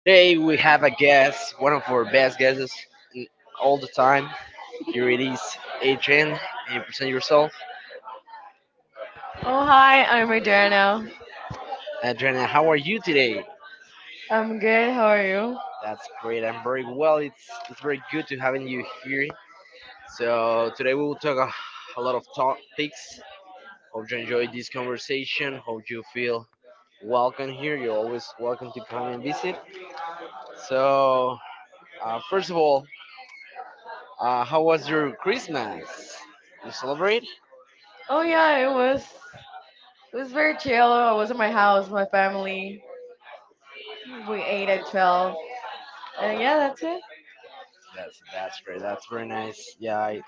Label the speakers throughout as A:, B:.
A: Today we have a guest, one of our best guests in- all the time. Here it is, Adrian. Can you present yourself?
B: Oh, hi, I'm Adriana.
A: Adriana, how are you today?
B: I'm good. How are you?
A: That's great. I'm very well. It's very good to having you here. So today we will talk a lot of topics. Hope you enjoy this conversation. Hope you feel welcome here. You're always welcome to come and visit. So first of all, how was your Christmas? You celebrate?
B: Oh,
A: Oh
B: yeah, it
A: yeah,
B: was it was very chill. I
A: still
B: was at my house, my
A: family.
B: family.
A: We
B: We ate
A: ate as
B: at 12.
A: well.
B: And yeah,
A: Yeah, that's
B: that's
A: it.
B: it.
A: That's great. That's very nice.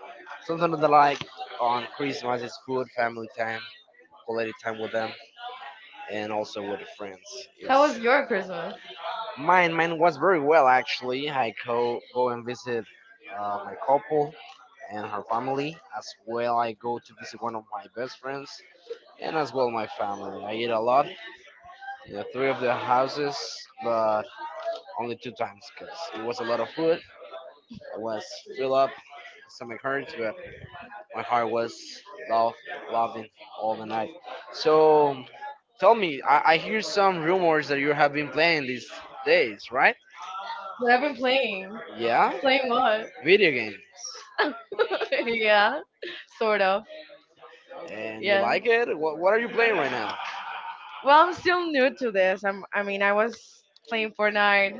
A: Sometimes I like on Christmas it's food, family time, quality time with them, and also with the friends. That
B: How
A: was
B: was
A: It's
B: your
A: Christmas.
B: Christmas?
A: Mine. Mine was very well actually. I go and visit my couple and her family as well. I go to visit one of my best friends and as well my family. I eat a lot in the three of the houses, but only two times because it was a lot of food. I was filled up, stomach hurt, but my heart was love, loving all the night. So tell me, I hear some rumors that you have been playing these days, right?
B: But
A: But
B: I've
A: I've
B: been
A: been playing.
B: playing.
A: Yeah,
B: Playing
A: playing what?
B: what?
A: Video games. Yeah.
B: yeah, sort of.
A: And you, yeah,
B: Yeah.
A: like it? What are you playing right now?
B: Well, I'm still new to this. I mean, I was playing Fortnite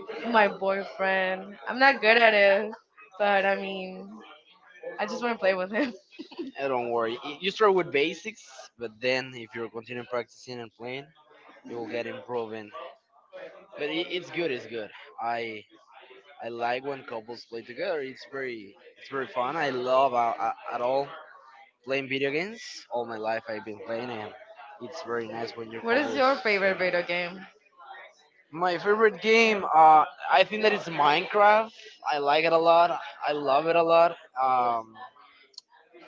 B: with my
A: Oh,
B: boyfriend. I'm
A: I'm
B: not
A: not good
B: good at
A: at it,
B: it,
A: but
B: but
A: I
B: I mean,
A: mean,
B: I
A: I
B: just
A: just
B: want
A: want
B: to play
A: to,
B: with him.
A: eh, don't worry. You start with basics, but then if you continue practicing and playing, you will get improving. But it's good. It's good. I I like when couples play together. It's very fun. I love at all playing video games. All my life I've been playing and it's very nice when your play.
B: What is
A: What couples.
B: your
A: Your
B: favorite
A: favorite video?
B: video game?
A: My favorite game, I think that it's Minecraft. I like it a lot. I love it a lot. Um,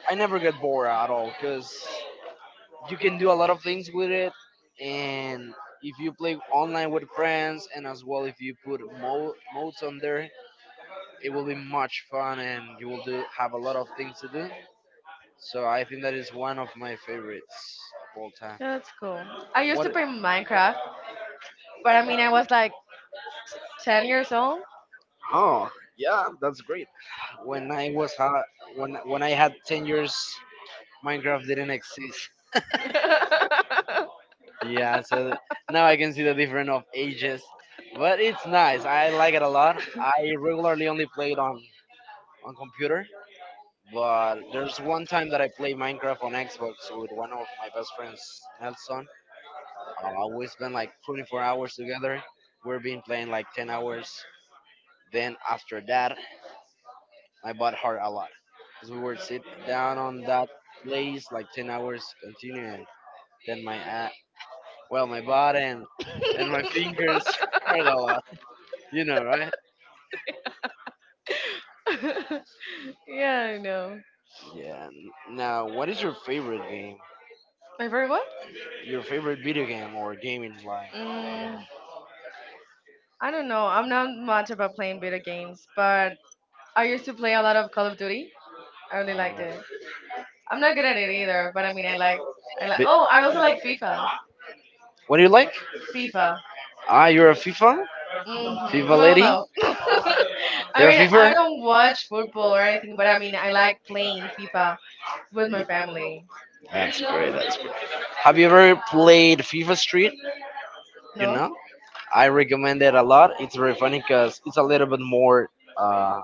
A: I never get bored at all because you can do a lot of things with it, and if you play online with friends, and as well if you put modes on there, it will be much fun, and you will do have a lot of things to do. So I think that is one of my favorites of all time.
B: Yeah, that's cool. I used to
A: What?
B: play Minecraft, but I mean, I was like 10 years old.
A: Oh, yeah, that's great. When I was ha- when I had 10 years, Minecraft didn't exist. Yeah, now I can see the difference of ages, but it's nice. I like it a lot. I regularly only play it on computer, but there's one time that I played Minecraft on Xbox with one of my best friends, Nelson. We spent like 24 hours together. We've been playing like 10 hours. Then after that, my butt hurt a lot because we would sit down on that place like 10 hours continuing. Then my a well, my butt and my fingers hurt a lot. You know, right?
B: yeah, I know.
A: Yeah. Yeah. Now, what is your favorite game?
B: My favorite what?
A: Your favorite video game or game in life?
B: Mm, I don't know. I'm not much about playing
A: Playing
B: video games, but I
A: I
B: used
A: used
B: to
A: to
B: play
A: play
B: a
A: a
B: lot
A: lot of
B: of Call
A: Call of
B: of
A: Duty.
B: Duty. I
A: I
B: really
A: really
B: liked
A: like.
B: it. I'm not good at it either, but I mean, I
A: I
B: like. I
A: like
B: like.
A: Oh,
B: Oh, I also like FIFA.
A: what do you like?
B: FIFA.
A: Ah, you're a FIFA? FIFA
B: Mm-hmm.
A: well,
B: Well,
A: lady? No,
B: no. I
A: you're a
B: mean, I
A: FIFA?
B: don't watch football or anything, but I mean, I like playing FIFA with my family.
A: That's great. No, that's great. Have you ever played FIFA Street? You
B: No?
A: know, I recommend it a lot. It's very funny because it's a little bit more. Uh,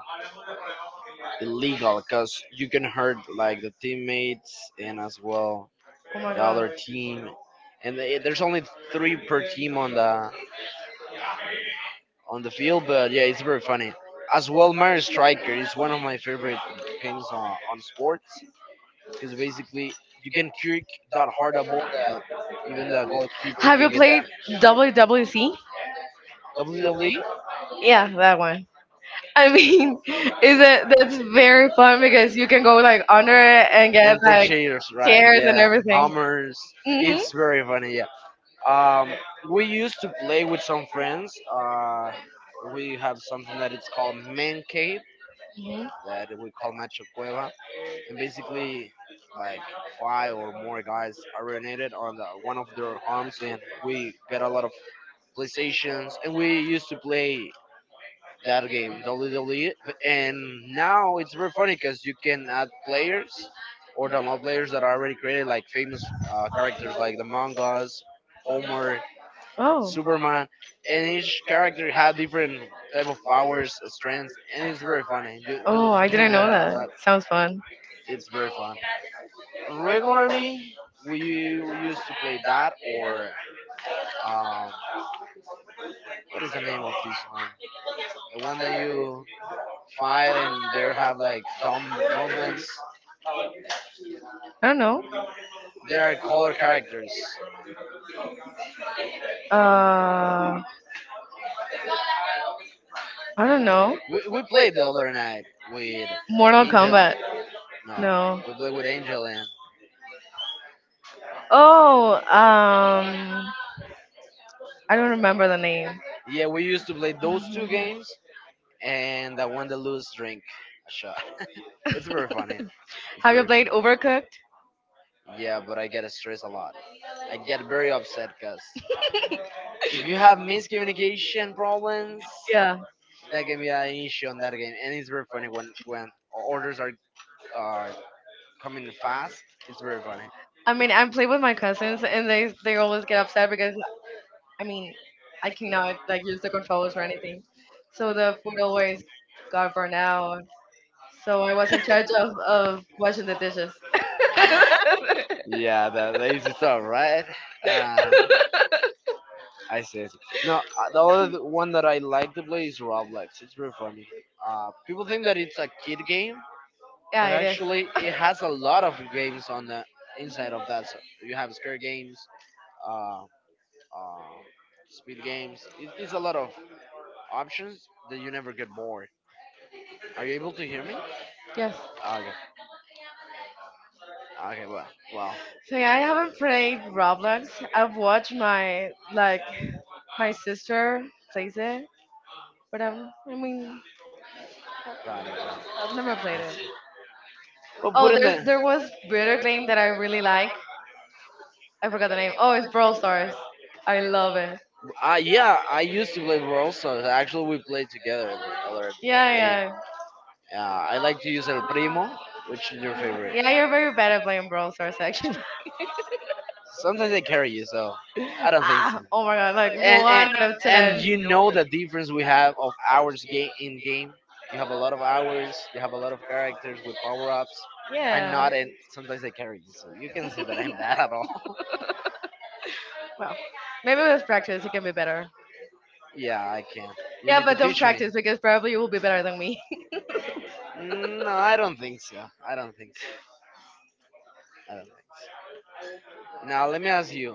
A: Illegal because you can hurt like the teammates and as well
B: Oh my
A: the other
B: god.
A: team. And there's only three per team on the field, but yeah, it's very funny. As well, Mario Striker is one of my favorite games on sports because basically you can kick that hard a ball that even the goalkeeper
B: Have you
A: can get
B: played
A: that.
B: WWC?
A: WWE
B: Yeah, that one. I mean, is it that's very fun because you can go like under it and get
A: and take
B: like
A: shaders, right?
B: tears and
A: Yeah,
B: everything.
A: hammers.
B: Mm-hmm.
A: It's very funny. Yeah. Um, we used to play with some friends. We have something that it's called man cave
B: Mm-hmm.
A: that we call macho cueva, and basically like five or more guys are urinated on one of their arms, and we get a lot of PlayStations, and we used to play that game WWE, and now it's very funny because you can add players or download players that are already created, like famous characters like the Among Us, Homer,
B: Oh.
A: Superman, and
B: and
A: each character had different type of powers, strengths, and it's very funny.
B: Oh, I
A: You
B: didn't
A: enjoy
B: know
A: it a
B: that.
A: lot.
B: Sounds fun.
A: It's very fun. Regularly, we used to play that or um, what is the name of this one? The one that you fight and there have like dumb movements.
B: I don't know.
A: They are color characters.
B: Uh, I don't know.
A: We played the other night with
B: Mortal
A: Angel.
B: Kombat.
A: No,
B: No.
A: we played with Angel and,
B: Oh, I don't remember the name.
A: yeah, we used to play those two games, and the one that lose drink a shot. It's very funny. It's
B: Have you
A: very fun.
B: played Overcooked?
A: Yeah, but I get stressed a lot. I get very upset because if you have miscommunication problems,
B: Yeah.
A: that can be an issue on that game, and it's very funny when orders are coming fast. It's very funny.
B: I mean, I play with my cousins, and they always get upset because I mean, I cannot like use the controllers or anything. So the food always got burned out. So I was in charge of washing the dishes.
A: Yeah, the lace is all right. Uh, I see. I see. No, the other one that I like to play is Roblox. It's very funny. People think that it's a kid game,
B: yeah,
A: but
B: it is.
A: actually it has a lot of games on the inside of that. So you have scare games, uh, uh, speed games. It's a lot of options that you never get bored. Are you able to hear me?
B: Yes.
A: Okay. Okay. Well. Well.
B: So yeah, I haven't played Roblox. I've watched my like my sister plays it, but I mean,
A: Got it. Got it.
B: I've never
A: I
B: played it.
A: see. Well, put
B: Oh,
A: in the.
B: there's
A: Like,
B: there was Bitter Game that I really like. I forgot the name. Oh,
A: oh,
B: it's
A: it's
B: Brawl
A: Brawl
B: Stars.
A: Stars.
B: I
A: I
B: love
A: love
B: it.
A: it. Yeah, I used to play Brawl Stars. Actually, we played together. The other,
B: Yeah,
A: yeah, day.
B: yeah,
A: Yeah. I like to use El Primo, which is your favorite.
B: yeah.
A: Yeah,
B: You're very bad at playing Brawl Stars, actually.
A: you're sometimes they carry you, so I don't think.
B: ah, oh my god, like
A: Like and one
B: one
A: and
B: out
A: out
B: of
A: of and seven.
B: ten.
A: You seven. Know the difference we have of hours game in game. You have a lot of hours. You have a lot of characters with power ups. I'm
B: Yeah.
A: not, and sometimes they carry you, so you can say that I'm bad at all.
B: Well, maybe with practice it can be better.
A: Yeah, I can. You
B: Yeah,
A: yeah, need to
B: but don't
A: teach me.
B: practice because probably you will be better than me.
A: No, I don't think so. I don't think so. I don't think. So. Now let me ask you.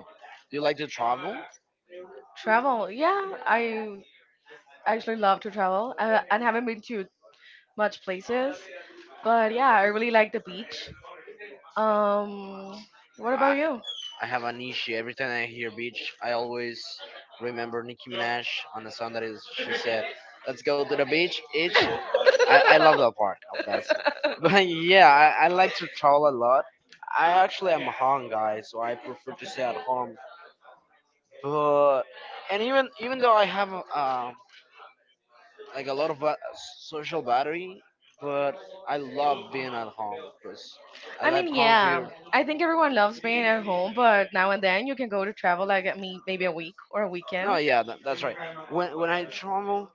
A: Do you like to travel?
B: travel, yeah,
A: I, I
B: I actually love to travel. I haven't been to much places, but yeah, I really like the beach. Um, what about you?
A: I have an issue. Every time I hear beach, I always remember Nicki Minaj on a song that is she said, "Let's go to the beach." Each, I love that part of that song. But yeah, I like to travel a lot. I actually am a home guy, so I prefer to stay at home but and even though I have like a lot of social battery, but I love being at home because I
B: I
A: like
B: mean,
A: comfy.
B: yeah, I think everyone loves being at home, but now and then you can go to travel like at me maybe a week or a
A: No,
B: weekend.
A: yeah, that's right. When I travel,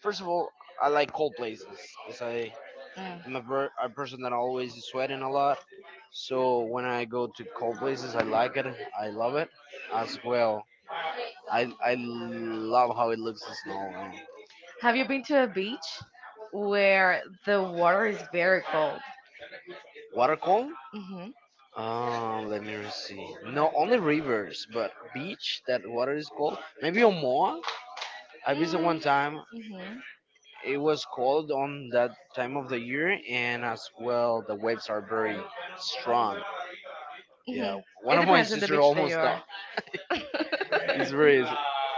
A: first of all, I like cold places because I
B: Mm.
A: am a person that always is sweating a lot. So when I go to cold places, I like it. I love it as well. I love how it looks the snow. Man.
B: Have you been to a beach where the water is very cold?
A: Water cold?
B: Mm-hmm.
A: Let me see. No, only rivers, but beach that water is cold. Maybe Omoa. I visited one time.
B: Mm-hmm.
A: It was cold on that time of the year, and as well, the waves are very strong. Yeah,
B: Mm-hmm.
A: one
B: It
A: of my
B: depends on the
A: sister
B: beach that you
A: almost died.
B: are.
A: It's very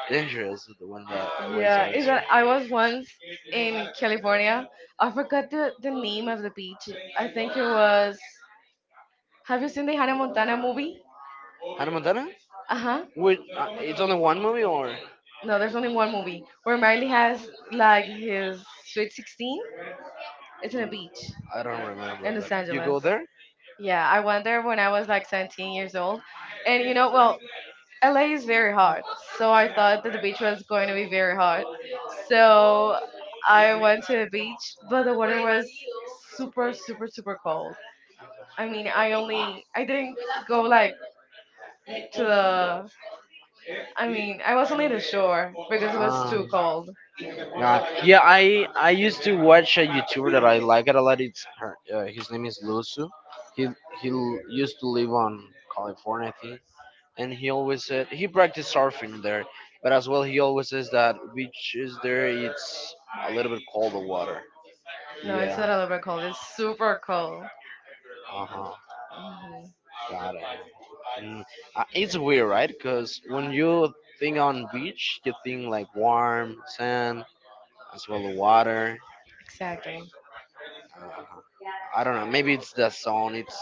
A: dangerous when the waves
B: Yeah, is
A: are.
B: that I was once in California. I forgot the name of the beach. I think it was. Have you seen the Hannah Montana movie?
A: Hannah Montana?
B: Uh
A: Uh huh.
B: huh.
A: With it's only one movie or
B: No,
A: no,
B: there's
A: there's
B: only
A: only
B: one
A: one movie.
B: movie where Miley
A: Like
B: has like his
A: Sweet
B: sweet 16.
A: 16.
B: It's
A: It's
B: in
A: in
B: a
A: a beach.
B: beach
A: I don't remember.
B: in
A: In the
B: Los
A: But sand. You sandbox. Go
B: Angeles.
A: there? Yeah.
B: Yeah, I went there when I was like 17 years old. And you
A: And
B: know, well, LA is
A: it's
B: very
A: very hot.
B: hot, so
A: So
B: I
A: the
B: thought that the beach
A: beach
B: was
A: was
B: going
A: going
B: to
A: to be
B: be
A: hot.
B: very hot.
A: So
B: So
A: I
B: I
A: went
B: went to
A: to
B: the
A: the beach.
B: beach, but the
A: The
B: water
A: water was
B: was super,
A: super
B: super, super
A: cold.
B: cold. I
A: I
B: mean,
A: mean,
B: I
A: I only
B: only, I didn't go
A: go to
B: like to
A: the.
B: the, I
A: I mean,
B: mean, I
A: I
B: was
A: was
B: only
A: only
B: at
A: in
B: the
A: the shore
B: shore
A: because
B: because
A: it
B: it
A: was
B: was
A: Ah.
B: too
A: too
B: cold.
A: God. Yeah, I used to watch a YouTuber that I like it a lot. It's her. His name is Lusu. He he used to live on California, I think, and he always said he practiced surfing there. But as well, he always says that beach is there. It's a little bit cold the water.
B: No, it's
A: Yeah.
B: not a little bit cold, it's super cold.
A: Uh huh.
B: Hmm
A: Got it. Mm. It's weird, right? Because when you think on beach, you think like warm sand as well the water.
B: exactly.
A: I don't know. Maybe it's the sun. It's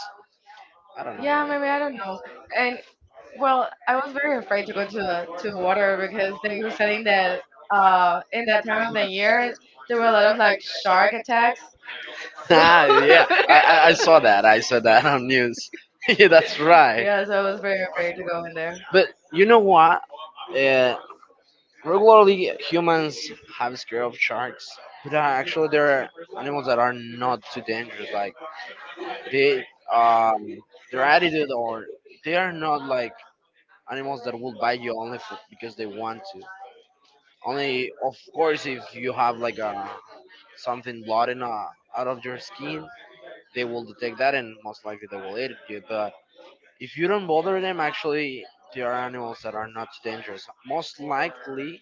A: I don't know.
B: Yeah,
A: Yeah,
B: maybe I don't know. And well,
A: what.
B: I was very afraid to go to the water because they were saying that in that time of the year there were a lot of like shark attacks. So
A: Ah, yeah. I saw that. I saw that on news. Yeah, that's right.
B: yeah,
A: Yeah,
B: so I was very afraid to go in there.
A: but you know what? Uh, Regularly humans have scare of sharks, but actually there are animals that are not too dangerous. Like they, um, their attitude, or they are not like animals that will bite you only for, because they want to. Only, of course, if you have like a something blooding out of your skin, they will detect that and most likely they will eat you. But if you don't bother them, actually, there are animals that are not dangerous. Most likely,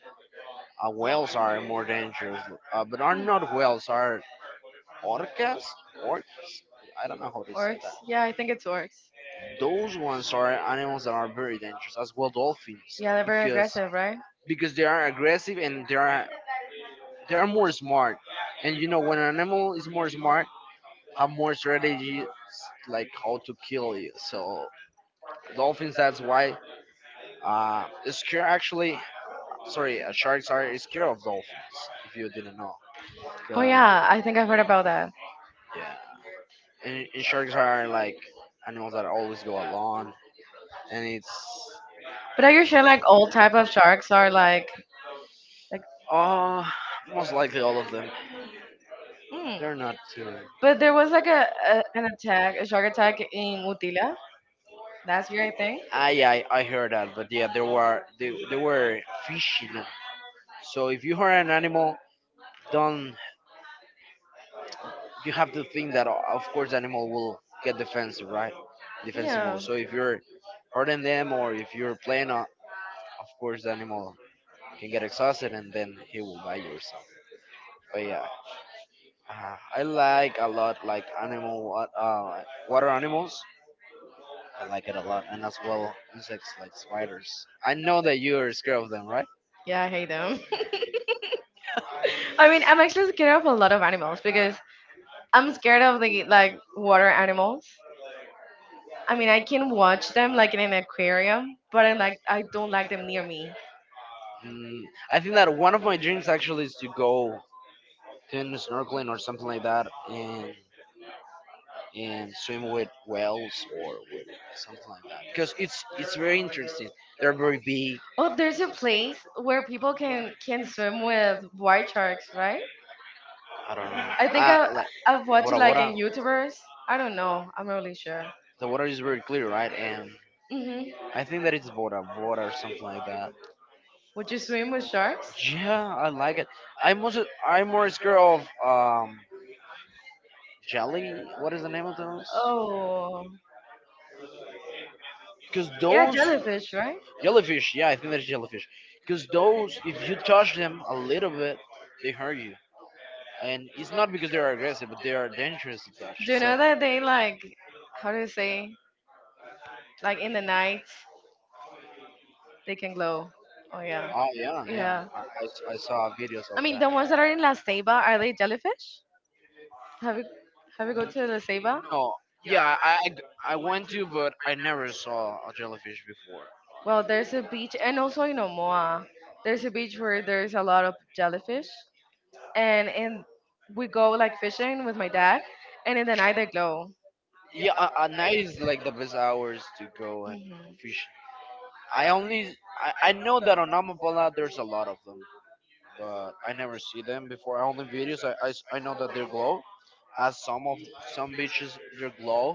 A: whales are more dangerous, but are
B: Hmm.
A: not whales. Are orcas? Orcas? I don't know how to say
B: Orcs?
A: that.
B: Yeah, I think it's orcs.
A: Those ones are animals that are very dangerous, as well dolphins,
B: Yeah, they're very
A: because
B: aggressive, right?
A: because they are aggressive and they're more smart. And you know, when an animal is more smart, have more strategies like how to kill you. So dolphins, that's why is scared actually. Sorry, sharks are scared of dolphins. If you didn't know, Oh
B: Oh
A: Yeah.
B: yeah, I think I've heard about that.
A: Yeah. And sharks are like animals that always go alone, and it's
B: But are you sure like all type of sharks are like
A: oh, most likely all of them.
B: mm.
A: They're not too. That's
B: But there was like a an attack, a shark attack in Utila last year, I think.
A: a I heard that, but yeah, they were they were fishing. So if you hurt an animal, don't, you have to think that o- of course animal will get defensive, right? Defensive
B: Yeah.
A: mode. So if you're hurting them or if you're playing, of course the animal can get exhausted and then he will bite you or something. But yeah, I like a lot like animal wa- water animals. I like it a lot, and as well insects like spiders. I know that you are scared of them, right?
B: Yeah, I hate them. I mean, I'm actually scared of a lot of animals because I'm scared of the like water animals. I mean, I can watch them like in an aquarium, but I like I don't like them near me.
A: Mm, I think that one of my dreams actually is to go. Doing snorkeling or something like that and swim with whales or with something like that, because it's very interesting, they're very big.
B: Oh, there's a place where people can swim with white sharks, right?
A: I don't know.
B: I think
A: uh,
B: I,
A: like
B: I've watched
A: Bora
B: it like
A: Bora,
B: in YouTubers. I don't know. I'm not really sure.
A: the water is very clear, right? And
B: hmm
A: I think that it's Bora Bora or something like that.
B: Would you swim with sharks?
A: Yeah, I like it. I'm also I'm more scared of jelly, what is the name of those,
B: Oh,
A: because
B: yeah,
A: those
B: jellyfish, right?
A: Jellyfish, yeah, I think that's jellyfish. Because those, if you touch them a little bit, they hurt you. And it's not because they are aggressive, but they are dangerous to touch.
B: Do you
A: So,
B: know that they like, how do you say, like in the night, they can glow? Oh, yeah.
A: oh yeah, yeah,
B: Yeah.
A: I saw videos
B: I mean, the ones that are in La Ceiba, are they jellyfish? Have you have
A: of
B: you go
A: them.
B: to the Ceiba?
A: No, yeah, I I went to, but I never saw a jellyfish before.
B: Well, there's a beach, and also in Omoa, there's a beach where there's a lot of jellyfish, and we go like fishing with my dad, and in the night they glow.
A: Yeah, a night is like the best hours to go and
B: Hmm
A: fish. I only I know that on Amapola there's a lot of them, but I never see them before. Only videos. I s- I know that they're glow. As some of some beaches, they're glow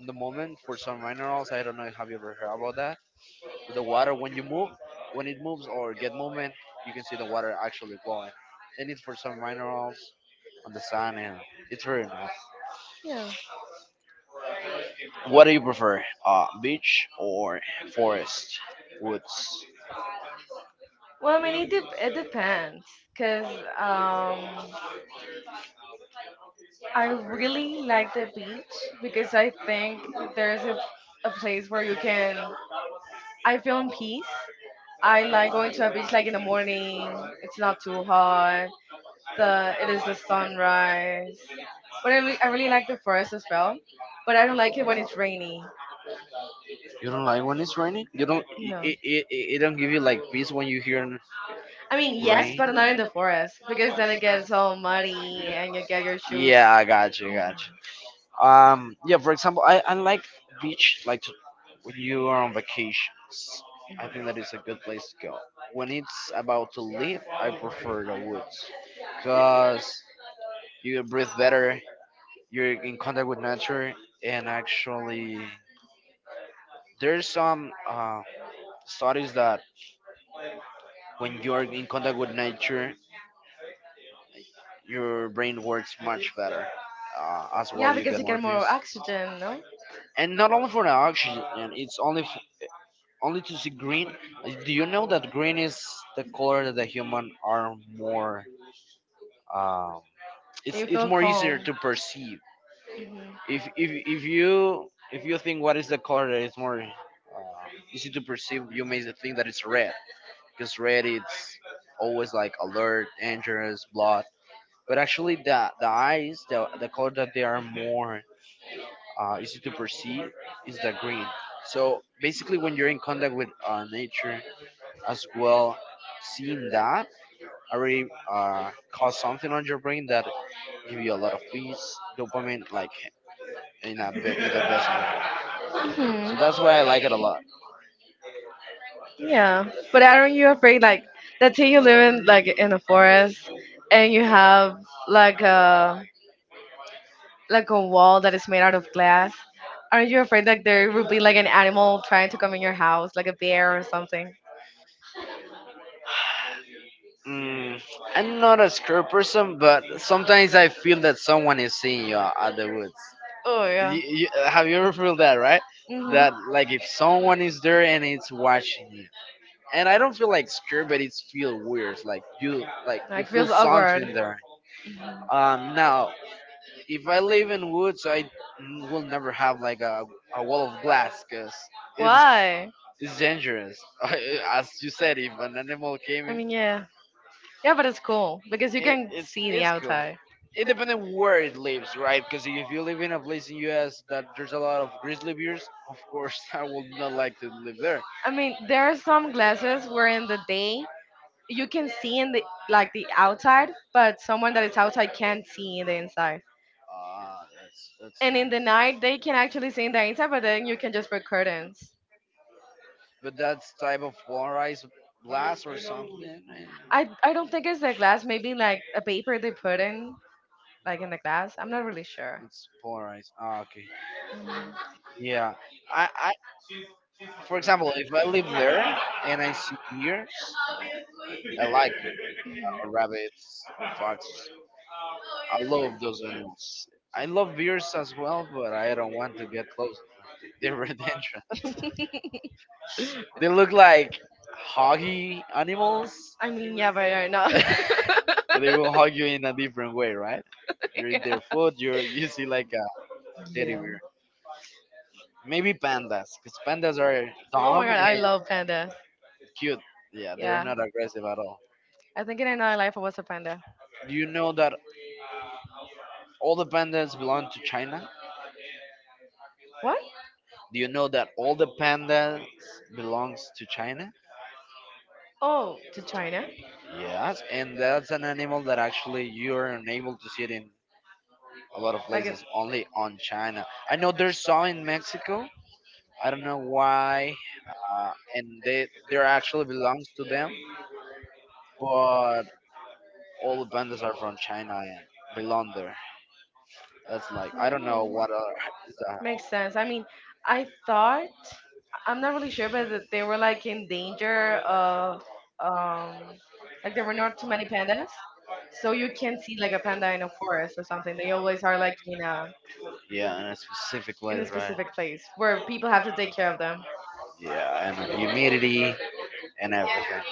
A: on the moment for some minerals. I don't know. Have you ever heard about that? The water when you move, when it moves or get movement, you can see the water actually glowing, and it's for some minerals on the sand. And it's very nice.
B: Yeah.
A: What do you prefer, beach or forest, woods?
B: Well, I mean, it depends, cause um, I really like the beach because I think there's a place where you can I feel in peace. I like going to a
A: So
B: beach like
A: like
B: in the morning. It's not too hot. The it is the sunrise. But I really like the forest as well. But I don't like it when it's rainy.
A: you don't like when it's raining? You don't.
B: No.
A: It don't give you like peace when you hear n-
B: I
A: I
B: mean
A: yes
B: yes,
A: rain.
B: but not in the forest because then it gets all muddy and you get your shoes.
A: Yeah, I got you, got
B: Mhm.
A: you. Yeah. For example, I like beach like to, when you are on vacations. I think that is a good place to go. When it's about to leave, I prefer the woods because you breathe better. You're in contact with nature, and actually there's some studies that when you're in contact with nature your brain works much better, as
B: Yeah,
A: well you
B: because
A: get
B: you get
A: more peace,
B: more oxygen, no?
A: and not only for the oxygen, it's only f- only to see green. Do you know that green is the color that the human are more um, it's
B: You
A: it's
B: feel
A: more easier
B: calm.
A: to perceive?
B: Mhm.
A: If if you if you think what is the color that is more easy to perceive, you may think that it's red because Reddit's always like alert, dangerous, blood. But actually, the eyes, the color that they are more easy to perceive is the green. So basically, when you're in contact with nature as well, seeing that already cause something on your brain that give you a lot of peace, dopamine, like in a bit, in the best way.
B: hmm
A: So that's why I like it a
B: Yeah, but aren't you afraid? Like, let's say you live in like in a forest, and you have like a wall that is made out of glass. Aren't you afraid like there would be like
A: lot.
B: an animal trying to come in your house, like a bear or something?
A: Mm, I'm not a scared person, but sometimes I feel that someone is seeing you at the woods.
B: Oh yeah.
A: Have you ever feel that, right?
B: Mhm.
A: That like if someone is there and it's watching you, and I don't feel like scared, but it's feel weird. Like you
B: Like
A: feel
B: feels awkward.
A: something there. Now if I live in woods, I n- will never have like a wall of glass, cause it's
B: Why?
A: it's dangerous. As you said, if an animal came
B: I
A: in.
B: mean, yeah. Yeah, but it's cool because you
A: It,
B: can
A: it's
B: see the
A: it's cool.
B: outside.
A: It depends on where it lives, right? Because if you live in a place in U.S. that there's a lot of grizzly bears, of course I would not like to live there.
B: I mean, there are some glasses where in the day you can see in the like the outside, but someone that is outside can't see in the inside.
A: Ah, that's that's.
B: And in the night, they can actually see in the inside, but then you can just put curtains.
A: But that's type of polarized glass or something.
B: I
A: Eh?
B: I don't think it's the glass. Maybe like a paper they put in, like in the glass. I'm not really sure.
A: It's polarized. Ah, okay. Yeah. I, I, for example, if I live there and I see deer, I like it. Rabbits, foxes. I love those animals. I love bears as well, but I don't want to get close to them. They're very
B: really
A: dangerous.
B: can
A: They look like huggy animals.
B: I mean, yeah, but I know. They
A: But they
B: will
A: will
B: hug
A: hug
B: you
A: you in a different way, right? You eat their food. You see like a teddy bear, maybe pandas, because pandas are dumb
B: I
A: and
B: love pandas. They're
A: cute. Yeah, they're
B: Yeah,
A: not aggressive at all.
B: I think in another life I was a panda.
A: Do you know that all the pandas belong to China?
B: What?
A: Do you know that all the pandas belongs to China? Oh,
B: Oh, to China?
A: spider.
B: Well,
A: Yes, and that's an animal that actually you're unable to see it in a lot of
B: in
A: places, only on China. I know there's some in Mexico. I don't know why, and they actually belongs to them, but all the pandas are from China and belong there. That's like I don't know what other is that.
B: Makes sense. I mean, I thought I'm not really sure, but that they were like in danger of um like there were not too many
A: Many
B: pandas.
A: pandas.
B: So
A: So
B: you
A: you
B: can
A: can
B: see
A: see
B: like
A: like
B: a
A: a
B: panda in a forest
A: forest.
B: or something. They always are like
A: Yeah, in a specific
B: in a
A: place, right?
B: specific place where people have to take care of them.
A: Yeah, and the humidity and everything.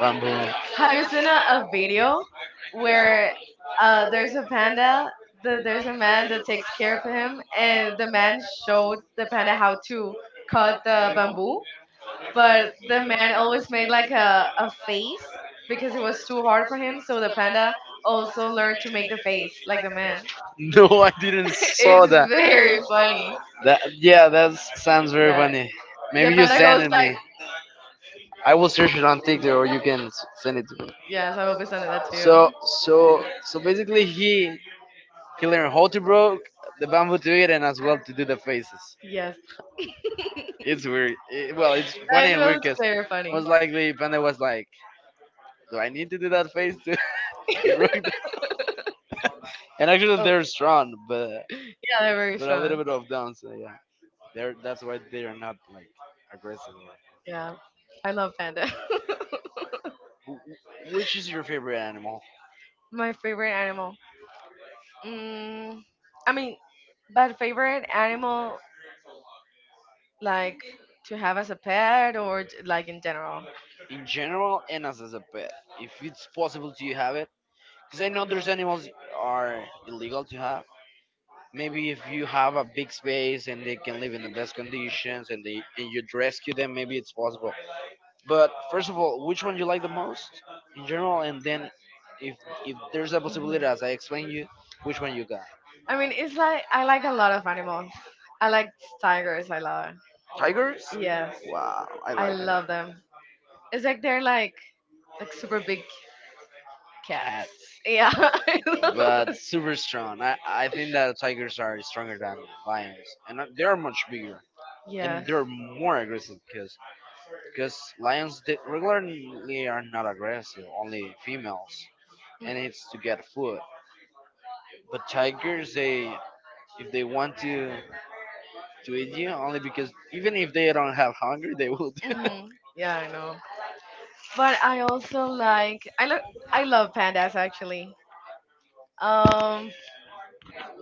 A: Bamboo.
B: Have you seen a video where there's a panda the, there's a man that takes care of him and the man showed the panda how to cut the bamboo but the man always made like a face because it was too hard for him so the panda also learned to make the face like the man
A: No, I didn't
B: it's
A: saw that.
B: very funny
A: That yeah, that sounds very
B: yeah
A: funny.
B: yeah
A: Maybe you
B: panda
A: send
B: goes
A: it
B: like
A: me. I will search it on TikTok, or you can s- send it to me.
B: yes I will be sending that to
A: So
B: you
A: so so basically, he learned how to broke the bamboo to it and as well to do the faces.
B: yes
A: It's weird. It- well, it's
B: that
A: funny and weird
B: was
A: because
B: very funny
A: most likely Panda was like, "Do I need to do that face to, to broke?" The-? And actually,
B: oh
A: they're strong,
B: yeah they're very
A: but a little
B: strong
A: bit of down. So yeah, they're that's why they are not like aggressive.
B: yeah I love panda
A: Which is your favorite animal
B: my favorite animal mm, i mean but favorite animal, like to have as a pet or like in general?
A: in general and as a pet? If it's possible, do you have it? Because I know there's animals are illegal to have. Maybe if you have a big space and they can live in the best conditions and they and you rescue them, maybe it's possible. But first of all, which one you like the most in general, and then if if there's a possibility,
B: Mhm.
A: as I explained you, which one you got?
B: I mean, it's like I like a lot of animals. I like tigers. I love them.
A: Tigers?
B: Yes,
A: Wow, I
B: I
A: like it.
B: love them. It's like they're like super big cats.
A: Cats.
B: Yeah. I love-
A: But
B: it.
A: super strong. I think that tigers are stronger than lions, and they are much bigger. And
B: Yes.
A: they're more aggressive because lions they regularly are not aggressive, only females, and it's to get food. But tigers, they if they want to eat you, only because even if they don't have hunger, they will.
B: Yeah, I know. But I also like I look I love pandas actually. Um,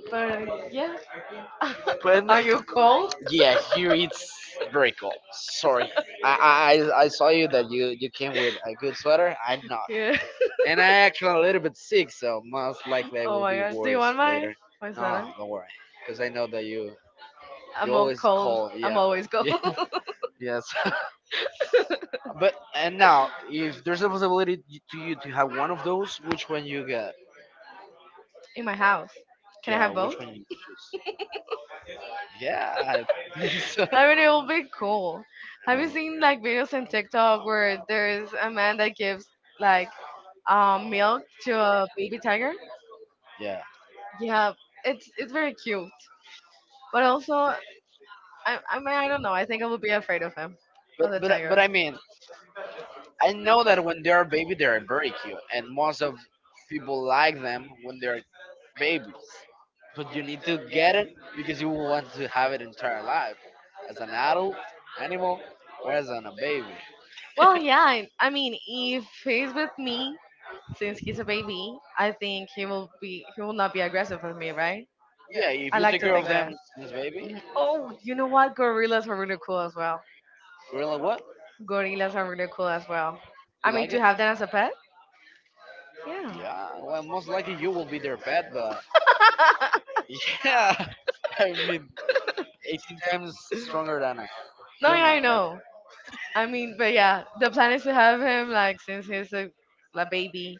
B: but yeah. Are you cold?
A: Yeah, here it's very cold. Sorry, I saw you that you came with a good sweater. I'm not.
B: Yeah.
A: And I actually a little bit sick, so most likely I
B: Oh
A: will
B: my
A: be
B: god. Do you
A: worse
B: want
A: later.
B: my
A: No,
B: sweater?
A: don't worry, because I know that you
B: I'm all
A: always
B: cold.
A: call.
B: I'm
A: Yeah,
B: always cold.
A: yeah, yes. But and now, if there's a possibility y- to you to have one of those, which one you get?
B: in my house. Can I
A: Yeah,
B: have both?
A: which one you choose? Yeah, I think so.
B: I mean, it will be cool. Have you seen like videos on TikTok where there's a man that gives like milk to a baby tiger?
A: Yeah,
B: Yeah, it's very cute. But also, I mean, I don't know. I think I would be afraid of him,
A: but
B: of the
A: but
B: tiger.
A: but I mean, I know that when they are baby, they are very cute, and most of people like them when they are babies. But you need to get it because you will want to have it entire life, as an adult animal or as on a baby.
B: Well, yeah. I mean, if he's with me, since he's a baby, I think he will not be aggressive with me, right?
A: Yeah, if
B: I
A: you
B: like
A: take
B: to
A: care
B: think
A: of
B: that.
A: them since baby,
B: Mhm. Oh, you know what? Gorillas are really cool as well.
A: gorilla what?
B: Gorillas are really cool as well. I
A: You
B: mean,
A: like
B: to
A: it?
B: have them as a pet? Yeah.
A: Yeah. Well, most likely you will be their pet, but yeah. I mean, 18 times stronger than a
B: No, yeah, I
A: human. Like,
B: know. I mean, but yeah, the plan is to have him like since he's a like, baby,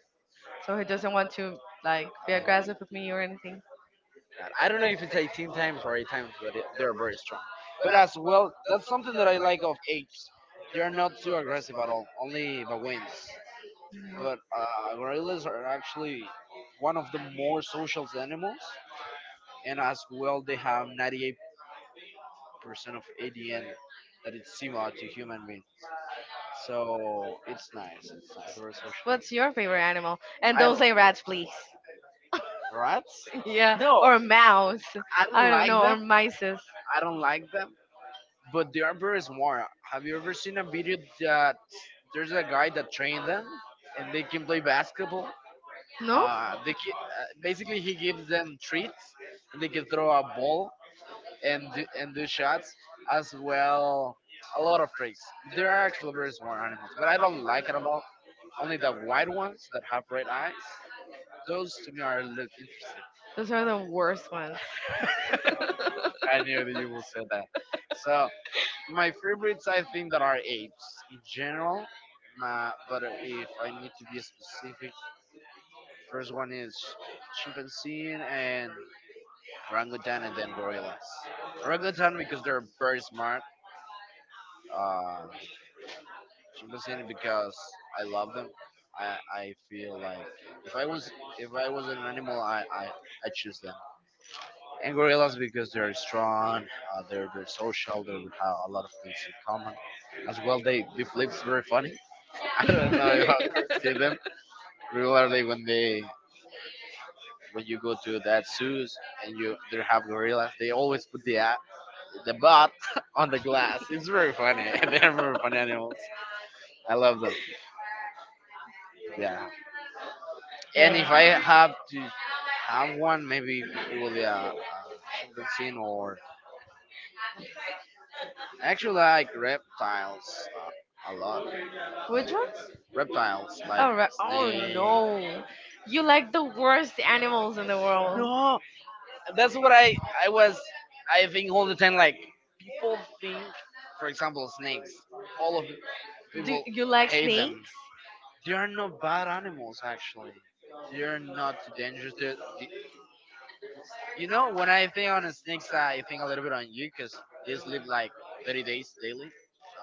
B: so he doesn't want to like be
A: oh my
B: aggressive with me or anything.
A: god, I don't know if it's 18 times or 8 times, but it, they're very strong. But as well, that's something that I like of apes. They are not too aggressive at all, only the baboons. But Gorillas are actually one of the more social animals, and as well, they have 98% of ADN that is similar to human beings. So it's nice. It's nice. Very social.
B: What's your favorite animal? And
A: I,
B: don't say rats, please.
A: Rats? Yeah.
B: Yeah,
A: No,
B: or
A: or
B: a mouse.
A: I
B: I
A: don't
B: don't
A: like
B: know, or
A: them.
B: mices.
A: I don't like them. But they are very smart. Have you ever seen a video that there's a guy that trained them and they can play basketball?
B: No?
A: They can, basically he gives them treats and they can throw a ball and do shots as well. A lot of freaks. There are actually very smart animals, but I don't like it at all. Only the white ones that have red eyes. Those to me are look interesting.
B: Those are the worst ones.
A: I knew that you will say that. So my favorites, I think, that are apes in general. But if I need to be specific, first one is chimpanzee and orangutan, and then gorillas. Orangutan because they're very smart. Uh, Chimpanzee because I love them. I feel like if I was if I was an animal, I choose them. And gorillas because they're strong, they're very social, they have a lot of things in common. As well, they flip very funny. I don't know if I ever see them regularly when you go to that zoos and you they have gorillas. They always put the butt on the glass. It's very funny. They're very funny animals. I love them. Yeah. And if I
B: Yeah.
A: have to have one, maybe it will be a chimpanzee or I actually like reptiles a lot. Uh,
B: Which ones?
A: Reptiles like
B: Oh, oh
A: snake.
B: no. You like the worst animals in the world.
A: No, that's what I was I think all the time, like people think, for example, snakes, all of
B: Do
A: people
B: you like
A: hate them.
B: snakes?
A: They are not bad animals actually, they are not too dangerous. They're, they You know, when I think on a snakes I think a little bit on you because they sleep like 30 days daily,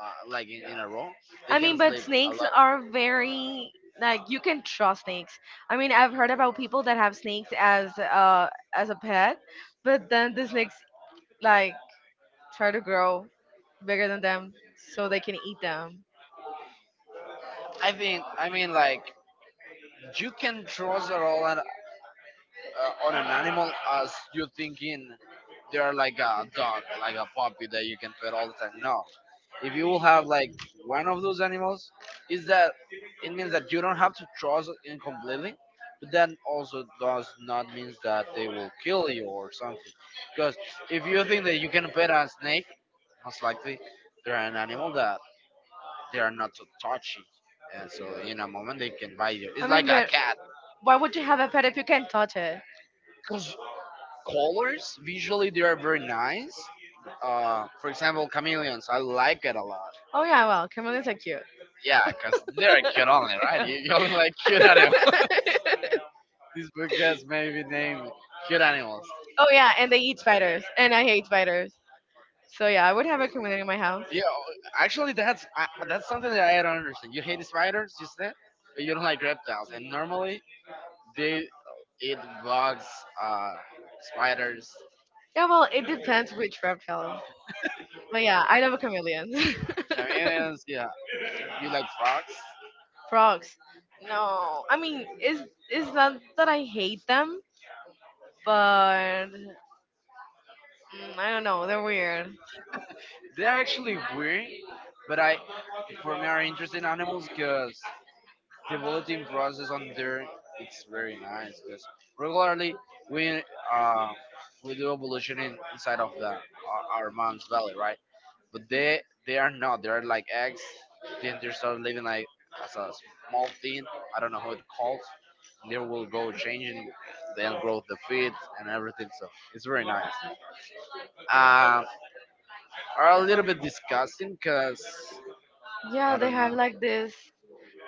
A: like in a row, they
B: I
A: can
B: mean, but
A: sleep a lot.
B: snakes
A: Are
B: are very like you can trust snakes. I mean, I've heard about people that have snakes as a pet, but then the snakes
A: like
B: like try to grow bigger than them so they can eat them.
A: I turtles. Think I mean, like you can trust at all an, on an animal as you thinking they are like a dog, like a puppy that you can pet all the time. No, if you will have like one of those animals, is that it means that you don't have to trust in completely, but that also does not means that they will kill you or something. Because if you think that you can pet a snake, most likely they're an animal that they are not too touchy, and so in a moment they can bite you.
B: I
A: It's like
B: mean,
A: a
B: but
A: cat.
B: why would you have a pet if you can't touch it?
A: Because colors visually they are very nice. For example, chameleons, I like it a lot.
B: Oh yeah, well, chameleons are cute.
A: Yeah, because they're cute only, right? you, You only like cute animals. This book has maybe named cute animals.
B: Oh yeah, and they eat spiders, and I hate spiders. So yeah, I would have a chameleon in my house.
A: Yeah, actually that's something that I don't understand. You hate spiders, you said, but you don't like reptiles, and normally they eat bugs, uh, spiders.
B: Yeah, well, it depends which reptile. But yeah, I love chameleons.
A: Chameleons, yeah. You like frogs.
B: Frogs. No, I mean, it's not that I hate them, but I don't know. They're weird.
A: They're actually weird, but I, for me, are interesting animals because the molting process on there it's very nice. Because regularly we uh, we do evolution inside of our mom's belly, right? But they are not. They are like eggs. Then they start living like as a small thing. I don't know how it calls. And they will go changing. Then grow the feet and everything. So it's very nice. Um, are a little bit disgusting because
B: Yeah,
A: I
B: they
A: don't
B: have
A: know.
B: like this.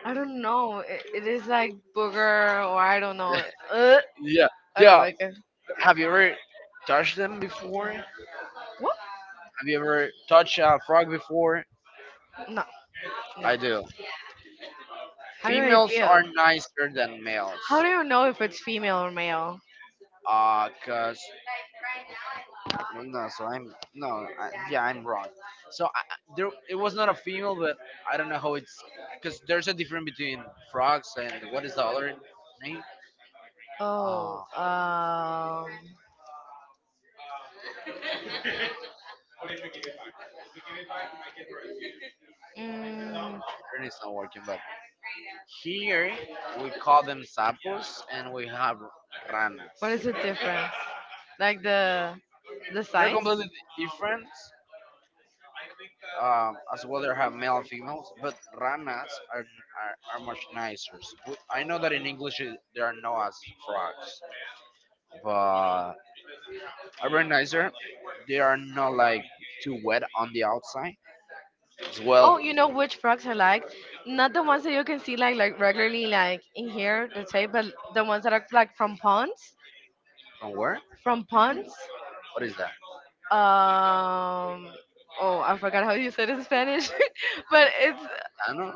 B: I don't know. It is like booger, or I don't know. Uh,
A: Yeah,
B: I don't
A: yeah.
B: like it.
A: Have you ever touched them before? Have
B: What?
A: you ever touched a frog before?
B: No,
A: I
B: no.
A: do.
B: How do I
A: Females
B: feel?
A: are nicer than males.
B: How do you know if it's female or male?
A: Cause well, no, so I'm no, yeah, I'm wrong. So there, it was not a female, but I don't know how it's because there's a difference between frogs and what is the other name?
B: Oh,
A: Uh,
B: mm,
A: Pattern is not working, but here we call them sapos, and we have ranas.
B: what is the difference? Like the
A: They're
B: size?
A: completely different. As well, they have male and females, but ranas are much nicer. We- I know that in English it- they are known as frogs, but are very nicer. They are not like too wet on the outside. As
B: Well,
A: well,
B: You know which frogs I like? Not the ones that you can see like regularly like in here, let's say, but the ones that are like from ponds,
A: from where?
B: from ponds.
A: What is that?
B: Um, oh, I forgot how you said it in Spanish, but it's
A: I don't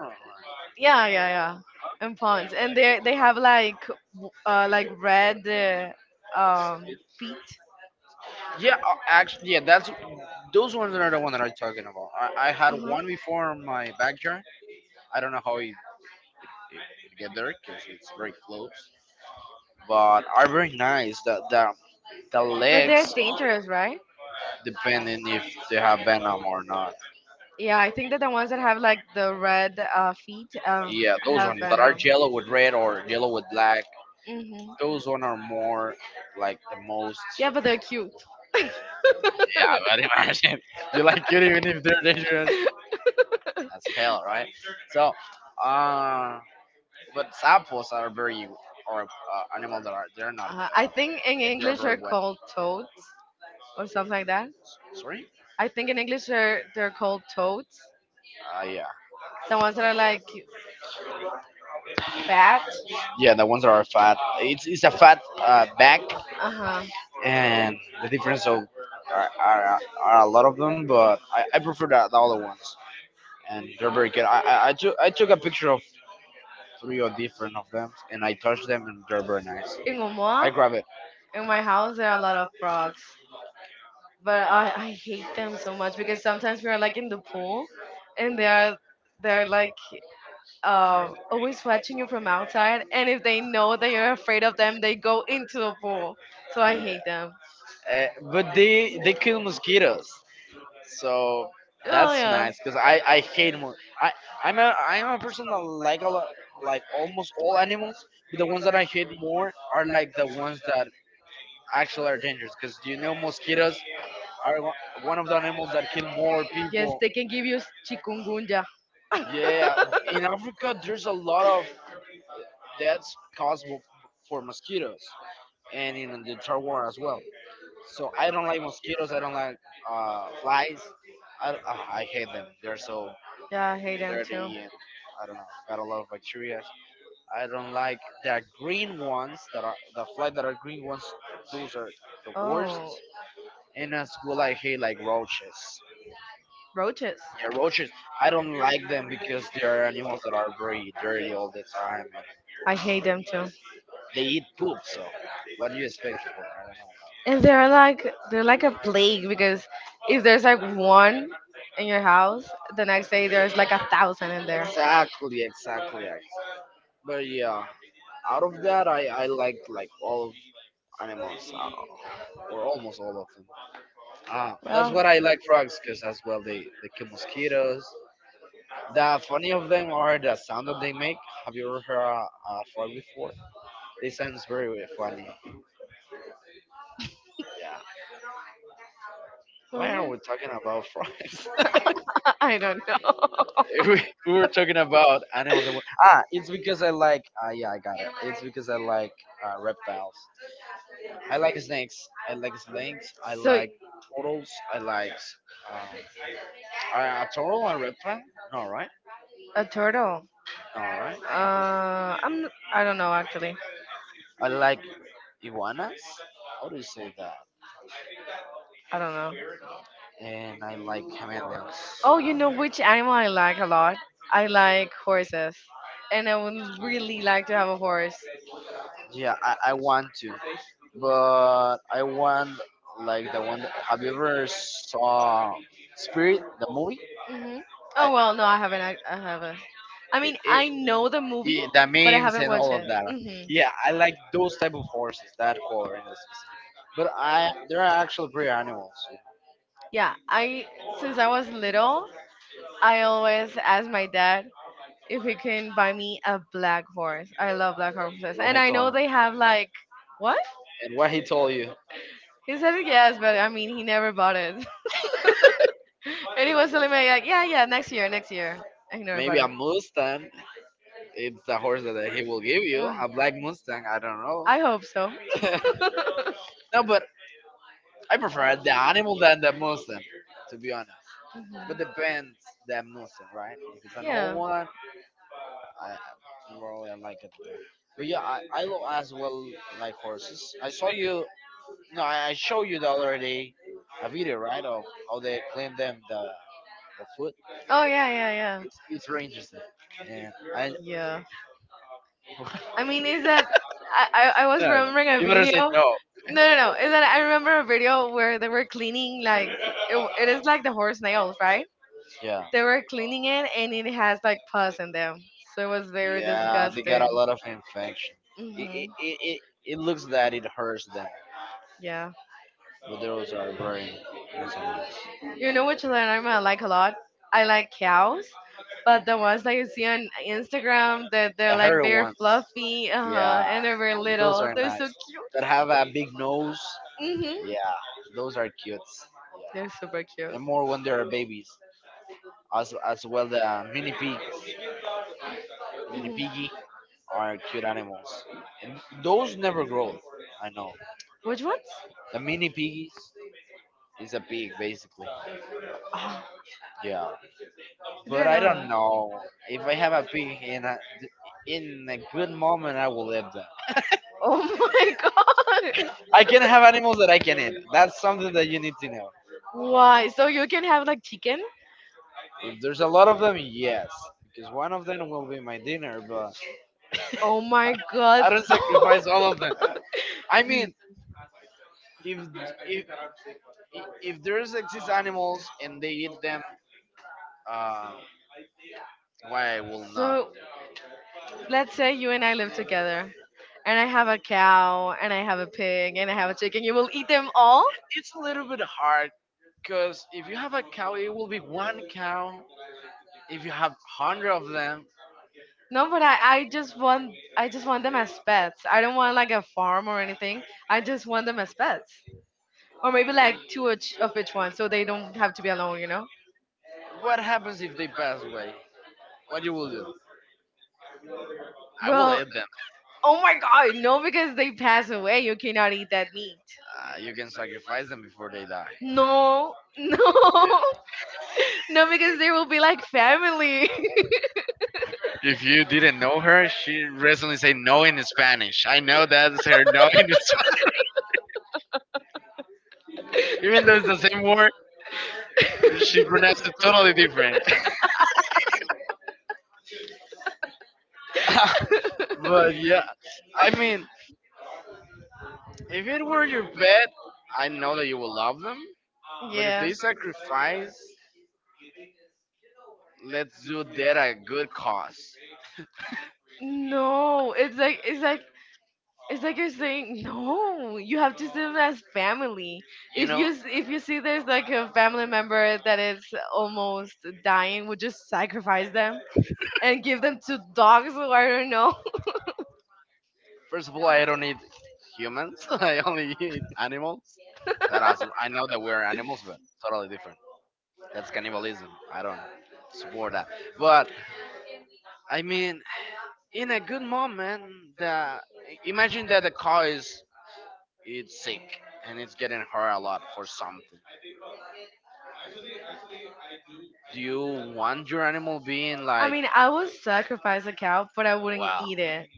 B: yeah, yeah, yeah, and
A: know.
B: ponds, and they have like like red um feet.
A: Yeah, actually, yeah, that's those ones are the one that I'm talking about. I had one
B: Mhm.
A: before in my backyard. I don't know how it get there because it's very close, but are very nice. The
B: But they're
A: legs,
B: dangerous, right?
A: depending if they have venom or not.
B: Yeah, I think that the ones that have like the red feet have
A: Yeah, those
B: have
A: ones that are
B: venom.
A: yellow with red or yellow with black.
B: Hmm.
A: Those one are more like the most.
B: Yeah, but they're cute.
A: Yeah, but imagine you like it even if they're dangerous. That's hell, right? So, um, but samples are very are animal that are they're not
B: I think in
A: and they're
B: English
A: very
B: they're
A: wet.
B: called toads or something like that.
A: Sorry?
B: I think in English they're called toads.
A: Yeah.
B: The ones that are like fat.
A: Yeah, the ones that are fat. It's a fat back,
B: Uh huh.
A: and the difference of are a lot of them, but I prefer the other ones, and they're very good. I took a picture of three or different of them, and I touched them, and they're very nice.
B: In
A: I
B: Omoa,
A: grab it.
B: in my house there are a lot of frogs.
A: But
B: But
A: I
B: I hate
A: hate them
B: them so
A: so
B: much
A: much
B: because
A: because
B: sometimes
A: sometimes
B: we
A: we
B: are
A: are
B: like
A: like
B: in
A: in
B: the
A: the pool
B: pool
A: and
B: and they are they're
A: they're
B: like
A: like
B: always watching
A: sweating
B: you from
A: outside,
B: outside, and
A: and if
B: if they
A: they know
B: know that
A: that,
B: you're afraid of
A: then
B: them they
A: they go
B: go into
A: into
B: the
A: a pool.
B: pool, so
A: So
B: I
A: I hate.
B: hate them.
A: But they kill mosquitoes, so
B: Oh
A: that's
B: yeah.
A: nice. Cause I'm a person that like a lot like almost all animals, but the ones that I hate more are like the ones that actually are dangerous. Cause do you know mosquitoes are one one of the animals that kill more
B: Yes,
A: people.
B: they can give you chikungunya.
A: Yeah, in Africa, there's a lot of deaths for mosquitoes, and in the third world as well. So I don't like mosquitoes. I don't like flies. I, I, I hate them. They're so
B: Yeah, I hate them too. Roaches.
A: dirty and I don't know. Got a lot of bacteria. I don't like the green ones that are the flies that are green ones. Those are the worst.
B: Oh,
A: And as well, I hate like roaches.
B: roaches.
A: Yeah, roaches. I don't like them because they are animals that are very dirty all the time, and
B: Are I hate them too.
A: they eat poop. So, what do you expect for? I don't
B: And
A: know about
B: they're like a plague because if there's like one in your house, the next day
A: that.
B: there's like a thousand in there.
A: Exactly, exactly. I- But yeah, out of that, I like all of animals, or almost all of them. Ah, that's what I
B: That's...
A: like frogs, cause as well they kill mosquitoes. The funny of them are the sound that they make. Have you ever heard a frog before? They sounds very very funny.
B: Oh,
A: Why are
B: yeah.
A: we talking about fries?
B: I don't know.
A: we, we were talking about animals. That were- Ah, it's because I like. Ah, yeah, I got it. It's because I like reptiles. I like snakes. I like snakes. I
B: So,
A: like turtles. I like um, a turtle and reptile. No, right?
B: a turtle.
A: No, right?
B: I'm. I don't know actually.
A: I like iguanas. How do you say that?
B: I don't know.
A: And I like
B: Oh, you know which animal I like a lot? I like horses, and I
A: chameleons.
B: would really like to have a horse.
A: Yeah, I want to, but I want like the one. That, have you ever saw Spirit, the movie?
B: Hmm.
A: I,
B: Oh well,
A: oh,
B: no, I haven't. I haven't. I mean, I know the movie,
A: yeah, the
B: but I
A: memes
B: haven't
A: and
B: watched
A: all of
B: it.
A: that.
B: Hmm.
A: Yeah, I like those type of horses, that color in specific. But I, they are actual pretty animals. Yeah.
B: Yeah, I since I was little, I always ask my dad if he can buy me a black horse. I love black horses.
A: And what
B: And
A: and he
B: I know
A: told,
B: they have like what?
A: what? And what he told you,
B: He said yes, but
A: yeah.
B: I mean he never bought it. And he was
A: Anyway,
B: telling me like, yeah, yeah, next year, next year. I never bought
A: maybe a
B: it.
A: Mustang. It's the horse that he will give you,
B: Yeah.
A: a black Mustang. I don't know.
B: I hope so.
A: No, but I prefer the animal than the Mustang, to be honest. But
B: Mhm.
A: depends the Mustang, right? If it's an old
B: Yeah.
A: one, I I really like it more. But yeah, I will as well like horses. I saw you, no, I showed you the other day a video, right, of how they clean them the foot.
B: Oh yeah, yeah,
A: It's very interesting. And I,
B: yeah. I mean, is that I was
A: no,
B: remembering a
A: you better
B: video.
A: say no.
B: No, no, no. Is that I remember a video where they were cleaning like it is like the horse nails, right?
A: Yeah.
B: They were cleaning it and it has like pus in them, so it was very
A: Yeah, they got a
B: disgusting.
A: lot of infection. It, it,
B: Mhm.
A: it, it, it looks that it hurts them,
B: Yeah.
A: but those are very nice.
B: You know which animal I like a lot? I like cows, but the ones that you see on Instagram that they're
A: The
B: like
A: hairy
B: very
A: ones,
B: fluffy, uh-huh,
A: yeah,
B: and they're very
A: those
B: little.
A: are
B: They're so
A: nice.
B: cute.
A: That have a big nose,
B: Mhm.
A: yeah, those are cute.
B: They're
A: Yeah,
B: super
A: and
B: cute.
A: more when they are babies. As well, the mini pigs, mini
B: Mhm.
A: piggy are cute animals, and those never grow. I know.
B: Which ones?
A: The mini piggies is a pig basically.
B: Ah,
A: Yeah.
B: I
A: But
B: didn't
A: I
B: know.
A: don't know if I have a pig in a good moment, I will eat them.
B: Oh my god!
A: I can have animals that I can eat. That's something that you need to know.
B: Why? So you can have like chicken?
A: If there's a lot of them, yes, because one of them will be my dinner. But
B: Oh my god!
A: I don't sacrifice all of them. I mean, if if if there's exist animals and they eat them, uh, why I will not?
B: So let's say you and I live together, and I have a cow, and I have a pig, and I have a chicken. You will eat them
A: Oh,
B: all?
A: it's a little bit hard because if you have a cow, it will be one cow. If you have hundred of them,
B: No,
A: no,
B: but I just want them as pets. I don't want like a farm or anything. I just want them as pets, or maybe like
A: like
B: two each of each one, so they don't have to be alone. You know?
A: what happens if they pass away? What you will do? I will No,
B: Well,
A: eat them.
B: oh my god, no, because they pass away. You cannot eat that meat.
A: You can sacrifice them before they die.
B: No, no,
A: No.
B: no, because they will be like family.
A: If you didn't know her, she recently said no in Spanish. I know that's her no in Spanish. Even though it's the same word, she pronounced it totally different. But yeah, I mean, if it were your pet, I know that you will love them. But if
B: Yeah.
A: they sacrifice, let's do that at a good cause.
B: No, it's like you're saying no. You have to see them as family.
A: You
B: If you
A: know,
B: if you see there's like a family member that is almost dying, would just sacrifice them and give them to dogs? Or I don't know.
A: first of all, I don't eat humans. I only eat animals. That as I know that we're animals, but totally different. That's cannibalism. I don't support that. But I mean, in a good moment, the imagine that the car is it's sick and it's getting hurt a lot for something. Do you want your animal being
B: I
A: like,
B: mean, I would sacrifice a cow, but I wouldn't
A: wow?
B: eat it.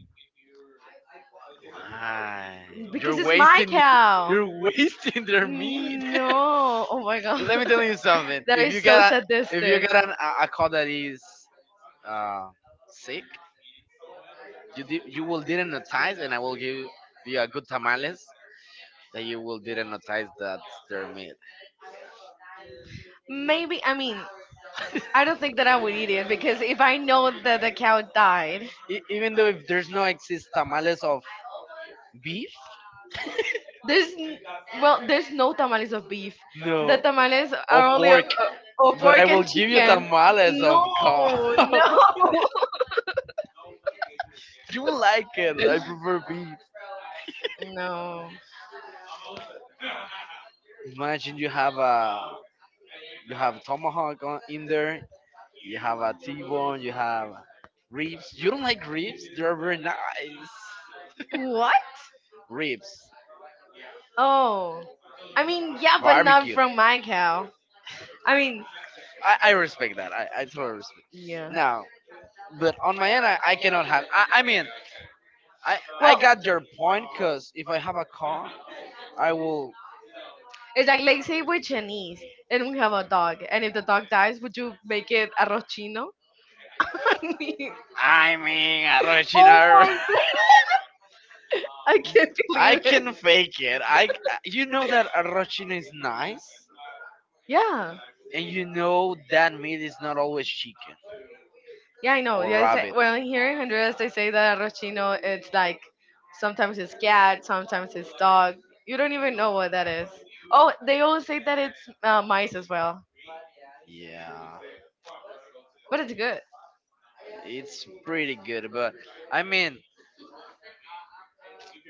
A: Why?
B: You're because
A: You're
B: you're it's my
A: wasting,
B: cow.
A: you're wasting their meat.
B: No, oh my god,
A: Let me tell you something.
B: that
A: If
B: is
A: you
B: so a, if
A: got a, if you
B: sadistic.
A: got an, a cow that is uh, sick, you di- you will dehypnotize, and I will give you a good tamales that you will dehypnotize that their meat.
B: Is Maybe, I mean, I don't think that I would eat it because if I know that the cow died,
A: E- even though if there's no exist tamales of beef, there's
B: there's n-
A: well,
B: well
A: there's
B: there's no
A: no
B: tamales of beef.
A: no,
B: The
A: the tamales
B: tamales are
A: of are only
B: only
A: pork.
B: of
A: Of but pork I
B: pork
A: will
B: and
A: and give you chicken.
B: chicken.
A: Tamales
B: No,
A: of cow. No, no.
B: no,
A: You will like it. I prefer beef.
B: no.
A: Imagine you have a tomahawk on, in there. You have a T-bone. You have ribs. You don't like ribs? They're very nice.
B: What?
A: Ribs, I
B: Oh. I
A: mean, yeah,
B: mean,
A: but
B: yeah,
A: not
B: but not
A: barbecue. From.
B: from my cow. I
A: I mean,
B: mean,
A: I respect that. I totally respect.
B: yeah.
A: Now, but on my end, I cannot have. I mean, I
B: Well,
A: got your point because if I have a car, I will.
B: it's like, let's say we're Chinese and we have a dog, and if the dog dies, would you make it arroz chino? I mean,
A: I mean,
B: oh
A: Arrochino.
B: my god! I can't
A: I
B: believe it.
A: can fake it. I you know that Arrochino is nice,
B: Yeah.
A: and you know that meat is not always chicken
B: Yeah, I know.
A: or
B: Yeah, I say,
A: rabbit.
B: well, here in Honduras, they say that arroz chino, it's like sometimes it's cat, sometimes it's dog. You don't even know what that is. Oh, they always say that it's mice as well,
A: Yeah.
B: but it's good.
A: It's pretty good, but I mean,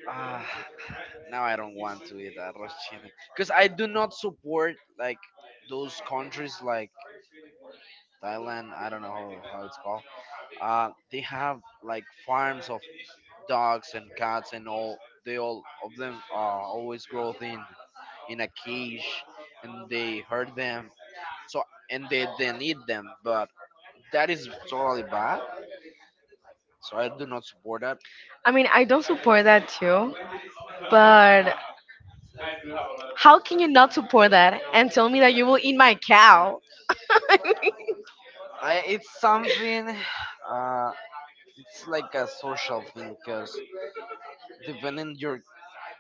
A: uh, now I don't want to eat arroz chicken because I do not support like those countries like Thailand. I don't know how it's called. They have like farms of dogs and cats and all. They all of them always grow in a cage, and they hurt them. So and they then eat them, but that is totally bad. So I do not support that.
B: I
A: I mean,
B: mean,
A: I
B: I don't
A: don't
B: support
A: support that
B: that too,
A: too, but
B: but
A: how
B: how can you not
A: for
B: support
A: that?
B: that
A: And
B: and tell
A: tell
B: me
A: me
B: that
A: that
B: you
A: you
B: will
A: will eat
B: eat
A: my
B: my
A: cow.
B: cow?
A: I, it's something. Uh, it's like a social thing because depending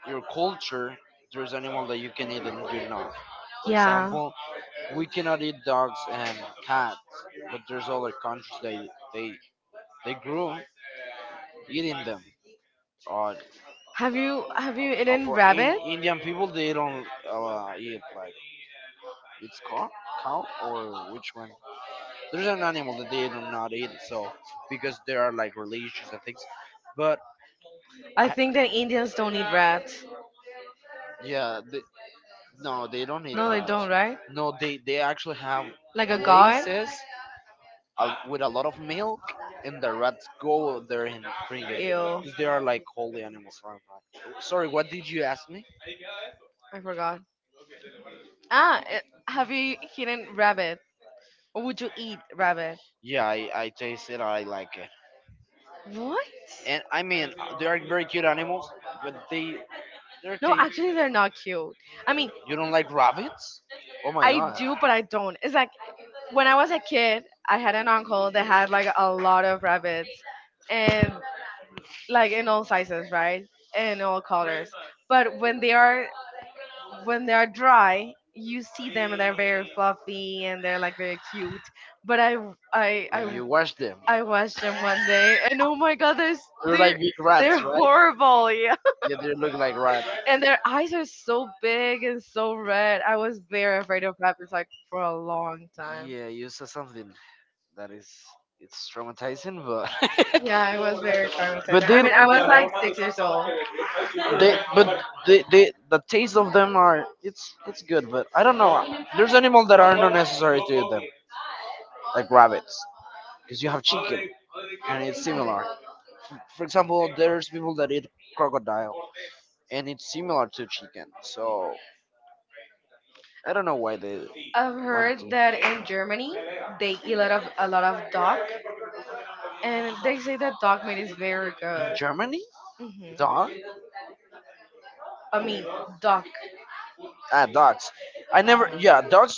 A: your culture, there's animal that you can eat and you not. For yeah,
B: Yeah.
A: example, we cannot eat dogs and cats, but there's other countries they they grew eating them. Uh, Have
B: Have you
A: you
B: have
A: have
B: you
A: you eaten
B: eaten
A: for in
B: rabbit?
A: rabbit? Indian people, they don't eat like it's cow, cow or which one? There's an animal that they do not eat. So because there are like religions and things, but
B: I
A: I think
B: think that
A: the Indians
B: Indians don't
A: don't eat
B: eat rats.
A: rats. Yeah, they, no, they don't eat They
B: No, they
A: rats. Don't, right?
B: don't, right?
A: No, they actually have like
B: Like
A: a
B: a...
A: dog. Places with a lot of milk, and the rats go there and drink it
B: Ew.
A: because they are like holy animals. Sorry, what did you ask me?
B: I forgot. Ah, have you eaten
A: Ah,
B: rabbit? Or would you eat rabbit?
A: yeah, I taste it. I like it.
B: What?
A: And I mean, they are very cute animals, but they they're
B: No,
A: they.
B: actually, they're not cute. I mean,
A: You don't like rabbits? Oh my
B: I
A: god.
B: do, but I don't. It's like when I was a kid, I had an uncle that had like a lot of rabbits, and like in all sizes, right? In all colors. But when they are dry, you see them and they're very fluffy and they're like very cute. But I
A: When you
B: I
A: wash them,
B: I watched them one day and oh my god, they're s-
A: they're like
B: they're
A: big
B: they're
A: rats, right?
B: horrible, yeah.
A: Yeah, they look like rats.
B: And their eyes are so big and so red. I was very afraid of rabbits like for a long time.
A: Yeah, you said something. That is it's traumatizing, but
B: Yeah,
A: yeah,
B: I
A: it
B: was
A: was very
B: very
A: fun. But traumatizing.
B: traumatized.
A: I
B: I
A: they
B: mean,
A: mean,
B: I
A: I was
B: was like
A: like six
B: six
A: years
B: years old.
A: old. They but they the taste of them are it's good, but I don't know. There's animals that are not necessary to eat them, like rabbits, because you have chicken and it's similar. For example, there's people that eat crocodile and it's similar to chicken, so I don't know why they.
B: I've
A: Oh, but
B: heard that
A: in
B: in
A: Germany,
B: Germany
A: they
B: they eat
A: eat
B: a lot of a
A: a
B: lot
A: lot of
B: of duck,
A: dogs.
B: and they say that duck meat
A: Dogs.
B: is very
A: In
B: good.
A: Germany?
B: Hmm.
A: Dog?
B: I mean, duck.
A: Duck. Ah, dogs. I never.
B: Uh-huh.
A: Yeah, dogs.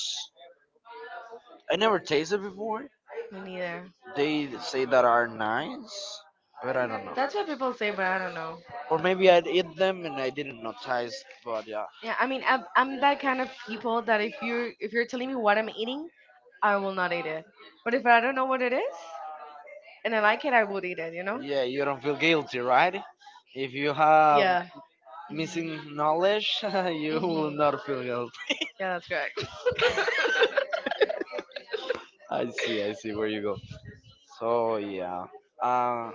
A: I never tasted before.
B: Me neither.
A: They say that are nice, but I don't know.
B: That's
A: That's
B: what
A: what people
B: people say,
A: say,
B: but
A: but
B: I
A: I don't
B: don't know.
A: know. Or maybe I'd eat them and I didn't notice. But yeah.
B: Yeah, I mean, I'm that
A: That
B: kind
A: kind
B: of
A: of
B: people
A: people
B: that
A: that if
B: if you're
A: you
B: telling
A: treat
B: me what I'm
A: well,
B: eating, I
A: I
B: will
A: will
B: not
A: not
B: eat
A: eat it.
B: it. But if I don't know what
A: What
B: it
A: is it?
B: is and I like it, I would eat it. You know?
A: And yeah, you don't feel guilty, right? If you have yeah,
B: Yeah.
A: missing knowledge, you will
B: Hmm.
A: not feel guilty.
B: Yeah, that's correct.
A: I see where you go. So yeah. Uh,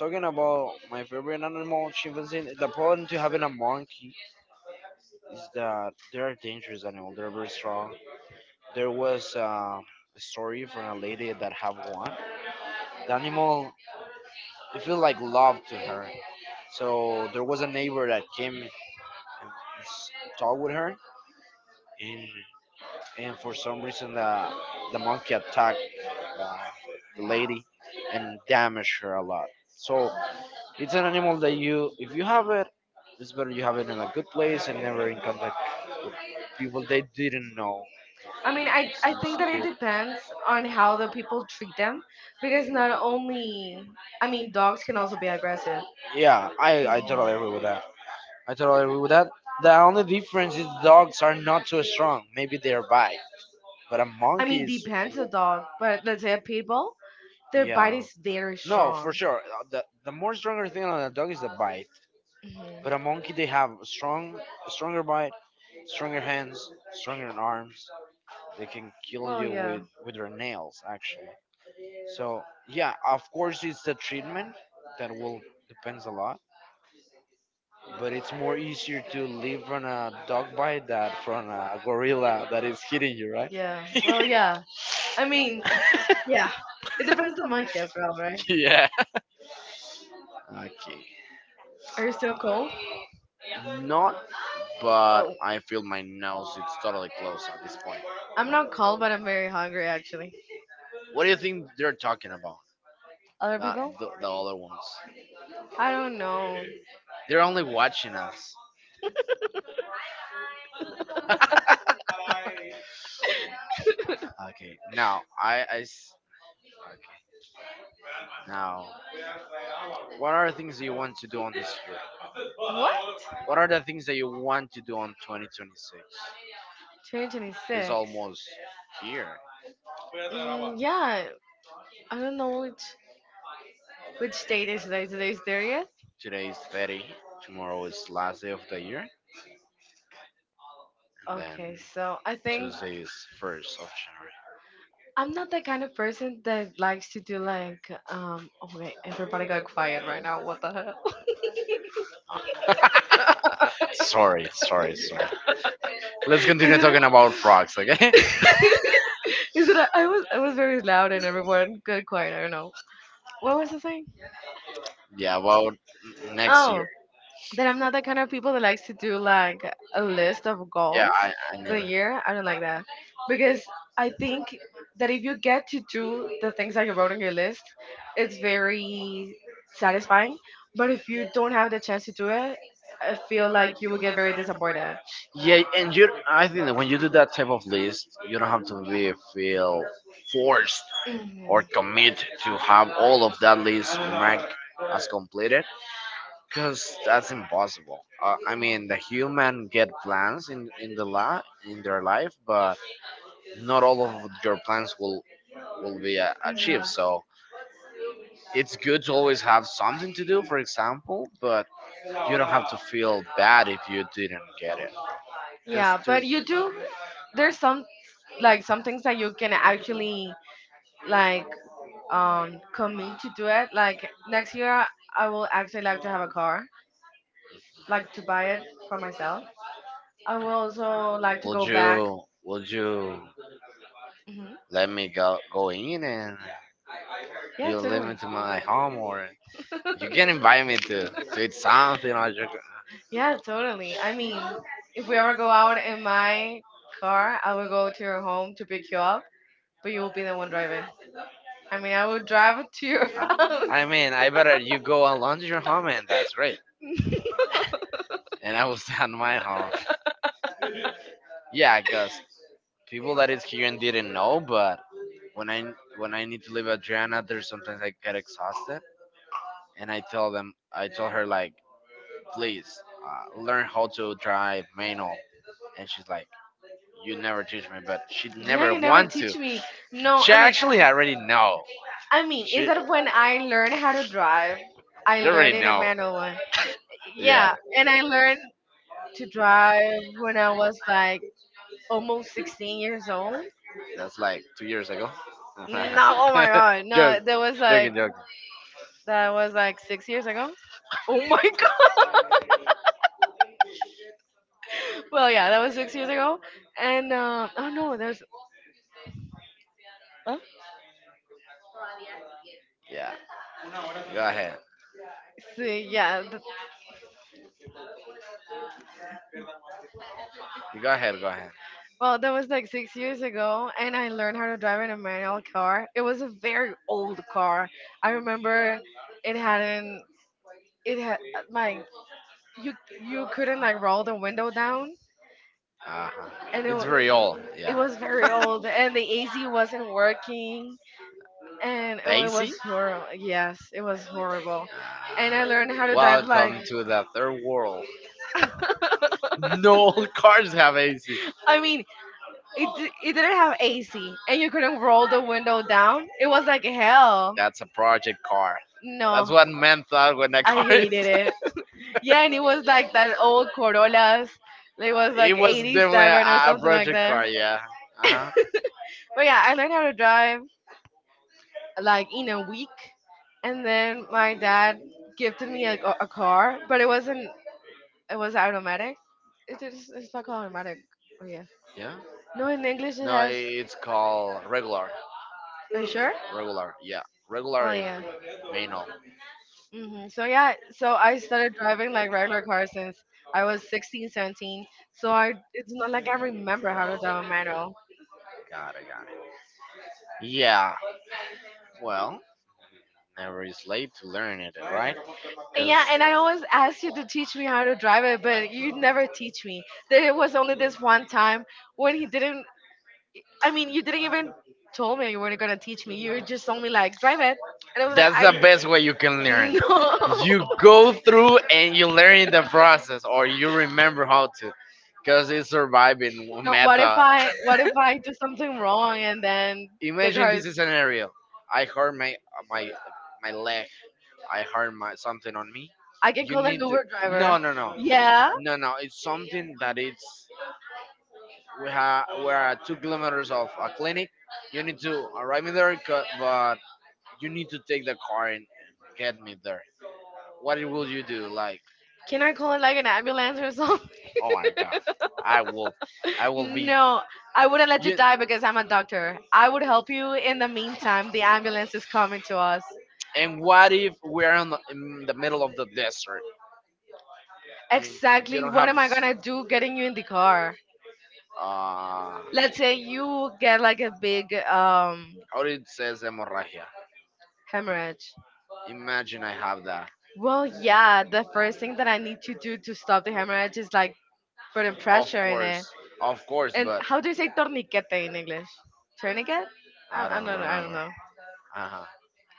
A: talking about my favorite animal, chimpanzee. The problem to having a monkey is that they're a dangerous animal. They're very strong. There was a story from a lady that have one. The animal, it feel like love to her. So there was a neighbor that came and s- talked with her, and and for some reason the monkey attacked uh, the lady and damaged her a lot. So it's an animal that you, if you have it, it's better you have it in a good place and never in contact with people they didn't know.
B: I
A: I
B: mean,
A: mean,
B: I think that it
A: cute.
B: depends on how the people treat them, because not only, I mean, dogs can also be aggressive.
A: Yeah, I
B: Mhm.
A: totally agree with that. I totally agree with that. The only difference is dogs are not too strong. Maybe they're bite, but a
B: I
A: monkey
B: mean,
A: is
B: depends the dog, but let's say a pit bull, their
A: yeah.
B: bite is very
A: No,
B: strong.
A: for sure. The more stronger thing on a dog is the bite,
B: Mhm.
A: but a monkey they have strong, stronger bite, stronger hands, stronger arms. They can kill
B: Well,
A: you
B: yeah.
A: with their nails, actually. So yeah, of course it's the treatment that will depends a lot, but it's more easier to live from a dog bite than from a gorilla that is hitting you, right?
B: Yeah, well,
A: yeah.
B: yeah. I
A: Okay.
B: mean, yeah. It depends on the monkey as well, right? Are you still cold?
A: Not, but
B: Oh,
A: I feel my nose. It's totally closed at this point.
B: I'm not cold, but I'm very hungry actually.
A: What do you think they're talking about?
B: Other
A: Not
B: people?
A: the, the other ones.
B: I don't know.
A: They're only watching us. okay. Now okay. Now, what are the things that you want to do on this year?
B: What?
A: What are the things that you want to do on 2026? It's
B: 2026.
A: almost here.
B: Yeah, I don't know which
A: Which
B: date
A: date
B: is
A: is
B: today.
A: like today,
B: Today's 30th.
A: today is 30. Tomorrow is last day of the year, and then
B: Okay, so I think
A: Tuesday is 1st of January.
B: I'm not the kind of person that likes to do like. Okay, everybody got quiet right now. What the hell?
A: sorry, sorry, sorry. Let's continue
B: Isn't it?
A: talking about frogs, okay?
B: Is it? I was very loud and everyone got quiet. I don't know. What was I saying?
A: yeah, about next year.
B: Oh, that I'm not the kind of people that likes to do like a list of
A: Yeah,
B: goals
A: I knew that.
B: for the
A: Yeah, and you,
B: year. I don't like that because I
A: I think
B: think that if you get to do the things that you wrote on your list, it's very satisfying. But if you don't have the chance to do it, I feel like you will get very disappointed.
A: that when you do that type of list, you don't have to be feel forced or
B: Mhm.
A: commit to have all of that list marked as completed. Because that's impossible. I mean, the human get plans in the la in their life, but not all of your plans will be
B: Mhm.
A: achieved. So it's good to always have something to do, for example, but you don't have to feel bad if you didn't get it. Because
B: Yeah, but you do. There's some like some things that you can actually like commit to do it. Like next year, I will actually like to have a car, like to buy it for myself. I will also like to go back.
A: would you
B: Hmm.
A: let me go in and
B: Yeah,
A: you let me
B: totally.
A: to my home or You can invite me to eat something or you
B: Yeah, totally. I mean, if we ever go out in my car, I will go to your home to pick you up, but you will be the one driving. I mean, I will drive it to your house.
A: I, mean, I better you go along to your home and that's great. And I will stay at my home. Yeah, because people that is here and didn't know, but when I when I need to leave Adriana, there's sometimes I get exhausted, and I tell them, I tell her like, please learn how to drive manual, and she's like, you never teach me, but she
B: Yeah,
A: never
B: you never
A: want to.
B: teach me. No,
A: She
B: I mean,
A: actually already know.
B: I mean, is
A: She,
B: that when I learned how to drive? I
A: you
B: learned
A: already
B: in a
A: know.
B: manual one. Yeah,
A: Yeah,
B: and I learned to drive when I was like almost 16 years old.
A: that's like 2 years ago.
B: No, oh my god, no,
A: Joke,
B: that was like
A: joking, joking.
B: that was like 6 years ago. Oh my god. Well, yeah, that was 6 years ago, and oh no, there's, huh?
A: Yeah, go ahead.
B: So yeah,
A: Go ahead, go ahead.
B: well, that was like 6 years ago, and
A: I
B: I learned
A: learned
B: how
A: how to
B: to drive
A: drive
B: in
A: in
B: a
A: a
B: manual
A: manual car.
B: car. It was a
A: Very
B: very
A: cool
B: old
A: car.
B: car. I
A: I remember,
B: remember it
A: it had an
B: hadn't. It had my,
A: you,
B: you
A: you
B: you couldn't
A: couldn't
B: like
A: like
B: roll
A: roll
B: the window
A: down,
B: down,
A: uh-huh, and
B: and
A: it
B: it
A: it's was
B: wa-
A: very old, it
B: it
A: yeah. Was
B: was
A: very
B: very old,
A: old,
B: and
A: and
B: the
A: the AC
B: AC
A: wasn't
B: wasn't
A: working,
B: working, and
A: and
B: it,
A: the it was
B: it
A: AC?
B: was
A: Horrible.
B: horrible. Yes, it
A: It was
B: was
A: horrible.
B: horrible, and
A: And
B: I
A: I ah, learned how
B: learned
A: to
B: how
A: drive by
B: to drive, like.
A: welcome to the third world. No all cars have AC.
B: I mean, it didn't have
A: AC,
B: AC and
A: and
B: you
A: you
B: couldn't roll the
A: roll
B: window
A: down.
B: down.
A: It
B: It
A: was
B: was like hell.
A: that's a project car. That's
B: No,
A: no, what men thought when that I
B: I
A: car is.
B: hated
A: Hated
B: it.
A: it.
B: Yeah, and it was
A: I
B: like that
A: thought,
B: old Corollas.
A: it
B: It
A: was
B: was
A: like it
B: like
A: like was mini definitely drive or a
B: 87 or
A: something like
B: something like
A: project that. Car,
B: that.
A: a yeah. Uh-huh. But yeah,
B: But yeah,
A: I
B: I learned how
A: made
B: to
A: to
B: drive
A: drive like
B: like in
A: in a
B: a
A: week,
B: week, and
A: and then
B: then my
A: my
B: dad
A: gave to
B: gifted me
A: me a
B: like, a
A: car,
B: car, but
A: but
B: it
A: it wasn't
B: wasn't. It was
A: automatic.
B: automatic. It
A: It's
B: is.
A: just
B: It's not called automatic. Oh yeah.
A: yeah. No
B: No, in
A: in
B: English
A: English.
B: it
A: No, I- like,
B: has.
A: it's called regular.
B: Are you
A: You sure?
B: sure?
A: Regular, yeah. Regular
B: Oh
A: in
B: yeah.
A: manual.
B: Hmm. So
A: So
B: yeah,
A: yeah,
B: so I
A: I started
B: started
A: driving
B: driving
A: like
B: like regular
A: regular cars.
B: cars since I
A: I was
B: was 16, 17. So
A: so
B: I
A: I
B: it's not like I
A: don't remember
B: remember how
A: how to
B: to
A: drive
B: drive a
A: a manual.
B: manual.
A: Got it, got it. Yeah. Well, never is late to learn it, right? And
B: And,
A: because yeah,
B: yeah, and I always asked you to
A: teach
B: teach me
A: me how
B: how
A: to
B: to drive
A: drive
B: it,
A: at
B: but you never teach me. There
A: the
B: was only this
A: same
B: one
A: time.
B: time when he didn't I
A: I mean,
B: mean,
A: he
B: you didn't even
A: told
B: told me
A: me,
B: you weren't gonna teach me. You just told me like drive it. And I
A: and I was like,
B: was like,
A: "That's I the
B: that's—
A: best way you can learn." Know. You
B: I,
A: no. Go
B: no.
A: through and you learn the process, or you remember how to, because it's surviving. But what if
B: No,
A: method?
B: what if I what
A: What if I wrong and
B: if I do something wrong and
A: then
B: then the
A: imagine because
B: car's—
A: this scenario: I hurt my my my leg, I hurt my something on me.
B: I
A: I can
B: can
A: you kill
B: call
A: an
B: an
A: need to Uber
B: Uber
A: driver. No
B: driver.
A: no no. Yeah.
B: Yeah.
A: No no. It's something that it's we're at 2 kilometers of a clinic. You need to arrive in there, 'ca- but you need to take the car and get me there. What will you do? Like,
B: Can
A: can I
B: I
A: go?
B: call in like an ambulance or something?
A: Oh my god, I will, I will be. No,
B: No, I wouldn't let
A: let's
B: you
A: you,
B: die
A: dive in
B: because
A: the
B: I'm a
A: water.
B: doctor. I
A: I
B: would
A: would be
B: help you in the
A: nice to
B: meantime.
A: us.
B: The ambulance is coming to us.
A: And what if we're in the middle of the desert? And you exactly.
B: Exactly.
A: don't
B: What
A: What have
B: am I
A: am
B: gonna do getting you in the car?
A: I?
B: Let's
A: Let's
B: say you get
A: get
B: like
A: like
B: a big,
A: how it says hemorrhagia. Hemorrhage.
B: hemorrhage.
A: Imagine I have that.
B: Well,
A: Oh yeah,
B: yeah. The
A: the
B: first
A: first
B: thing
A: thing
B: that
A: that
B: I
A: I need
B: need
A: to
B: to do
A: do
B: to
A: the
B: stop the hemorrhage
A: hemorrhage,
B: is like
A: put a
B: putting
A: of pressure in
B: pressure
A: it.
B: in it.
A: Course, of course, and
B: And
A: but
B: how
A: how
B: do
A: do
B: you
A: you say
B: say torniquete in
A: it?
B: English?
A: Tunica?
B: Tourniquet?
A: I
B: I
A: don't
B: don't know. I don't
A: remember.
B: know.
A: Uh huh.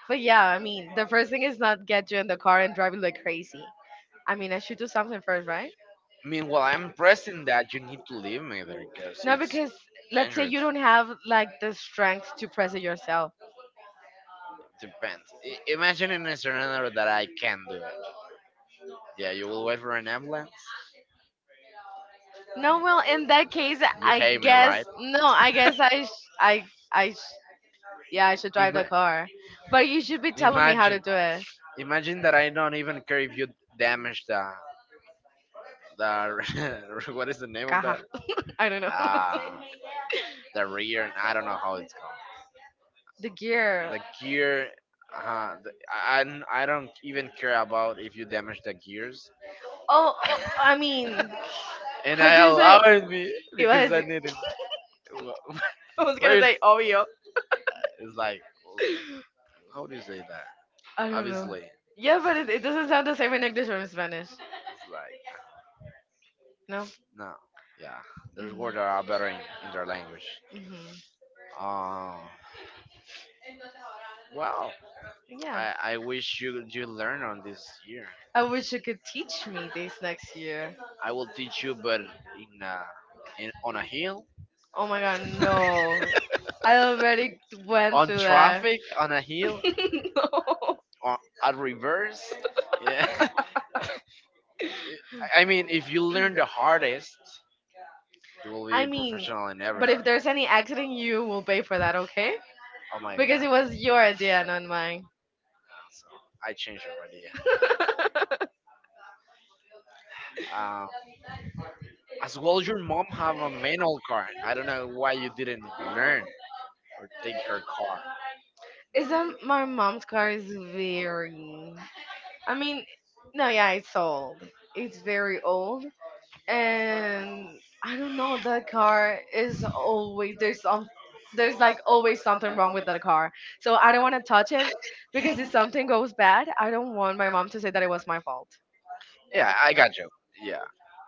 B: But
A: But yeah,
B: yeah, I mean,
A: the
B: the first
A: first,
B: thing is not get you in the car and drive you like crazy. I
A: I mean,
B: mean, I should do something first, right?
A: I mean, well, I'm pressing that you need to leave me there because no,
B: No,
A: because it's because
B: because
A: it
B: let's say
A: dangerous.
B: you
A: You
B: don't have like the
A: strength
B: strength
A: to.
B: to press it yourself.
A: Depends. Imagine in a scenario that I can do it. Yeah, you will wait for an ambulance.
B: No, well, in that case,
A: You I
B: I
A: hate me, guess
B: guess
A: right?
B: no,
A: No.
B: I
A: I guess
B: guess,
A: I
B: I, sh- yeah,
A: yeah,
B: I
A: I should
B: should drive
A: drive the
B: the
A: A car.
B: car. But
A: But
B: you
A: you tell
B: should be
A: me how to
B: telling me how
A: imagine,
B: to do
A: do
B: it.
A: it. Imagine that I don't even care if you damage the what is the name of
B: Caja.
A: that?
B: I
A: I
B: don't
A: don't know.
B: know.
A: Ah, the rear. I don't know how it's called.
B: The
A: Gear.
B: gear.
A: The gear, I don't even care about if you damage the gears.
B: Oh,
A: Oh,
B: oh, I
A: I mean,
B: mean,
A: and
B: how do
A: I
B: you
A: like,
B: say?
A: allowed me you
B: It
A: because I
B: was.
A: wanted. Needed. Wh-
B: I
A: I was
B: was gonna
A: where gonna
B: say
A: it's,
B: obvio.
A: say, it's like, how do you say that?
B: I don't know.
A: Obviously,
B: Yeah, but it doesn't sound the same in English or in Spanish.
A: it's like
B: No?
A: no, yeah. There's
B: Mm-hmm.
A: words that are better in their language. Um, well,
B: Yeah.
A: I wish you you learn on this year.
B: I wish you could
A: Teach
B: teach
A: me
B: me
A: this
B: this
A: next
B: next year.
A: year. I will teach you, but a, in on a hill,
B: Oh my god, no. I already went
A: on
B: through that.
A: traffic, on a hill,
B: No.
A: or at reverse. Yeah, I mean, if you learn the hardest, you will be I
B: I
A: a
B: mean,
A: professional in what
B: but
A: everything.
B: if
A: If
B: there's any accident,
A: exiting
B: you
A: you
B: will pay for
A: for
B: that,
A: that, okay?
B: okay?
A: Oh my
B: Because
A: because god,
B: it
A: it was
B: was
A: an
B: your
A: idea,
B: idea, not mine.
A: so I changed your idea. Um, as well, your mom have a manual car. I don't know why you didn't learn or take her car.
B: Is that my mom's car is
A: There.
B: very I
A: I mean,
B: mean, no, yeah, it's old. It's
A: it's
B: very
A: very
B: old,
A: and
B: and
A: I
B: I don't
A: don't know,
B: know.
A: that
B: That
A: car
B: car is
A: is always
B: always,
A: there's some there's
B: there's like always something wrong with that car. So I don't want to touch it because if something goes bad, I don't want my mom to say that it was my fault.
A: yeah, I got you. Yeah,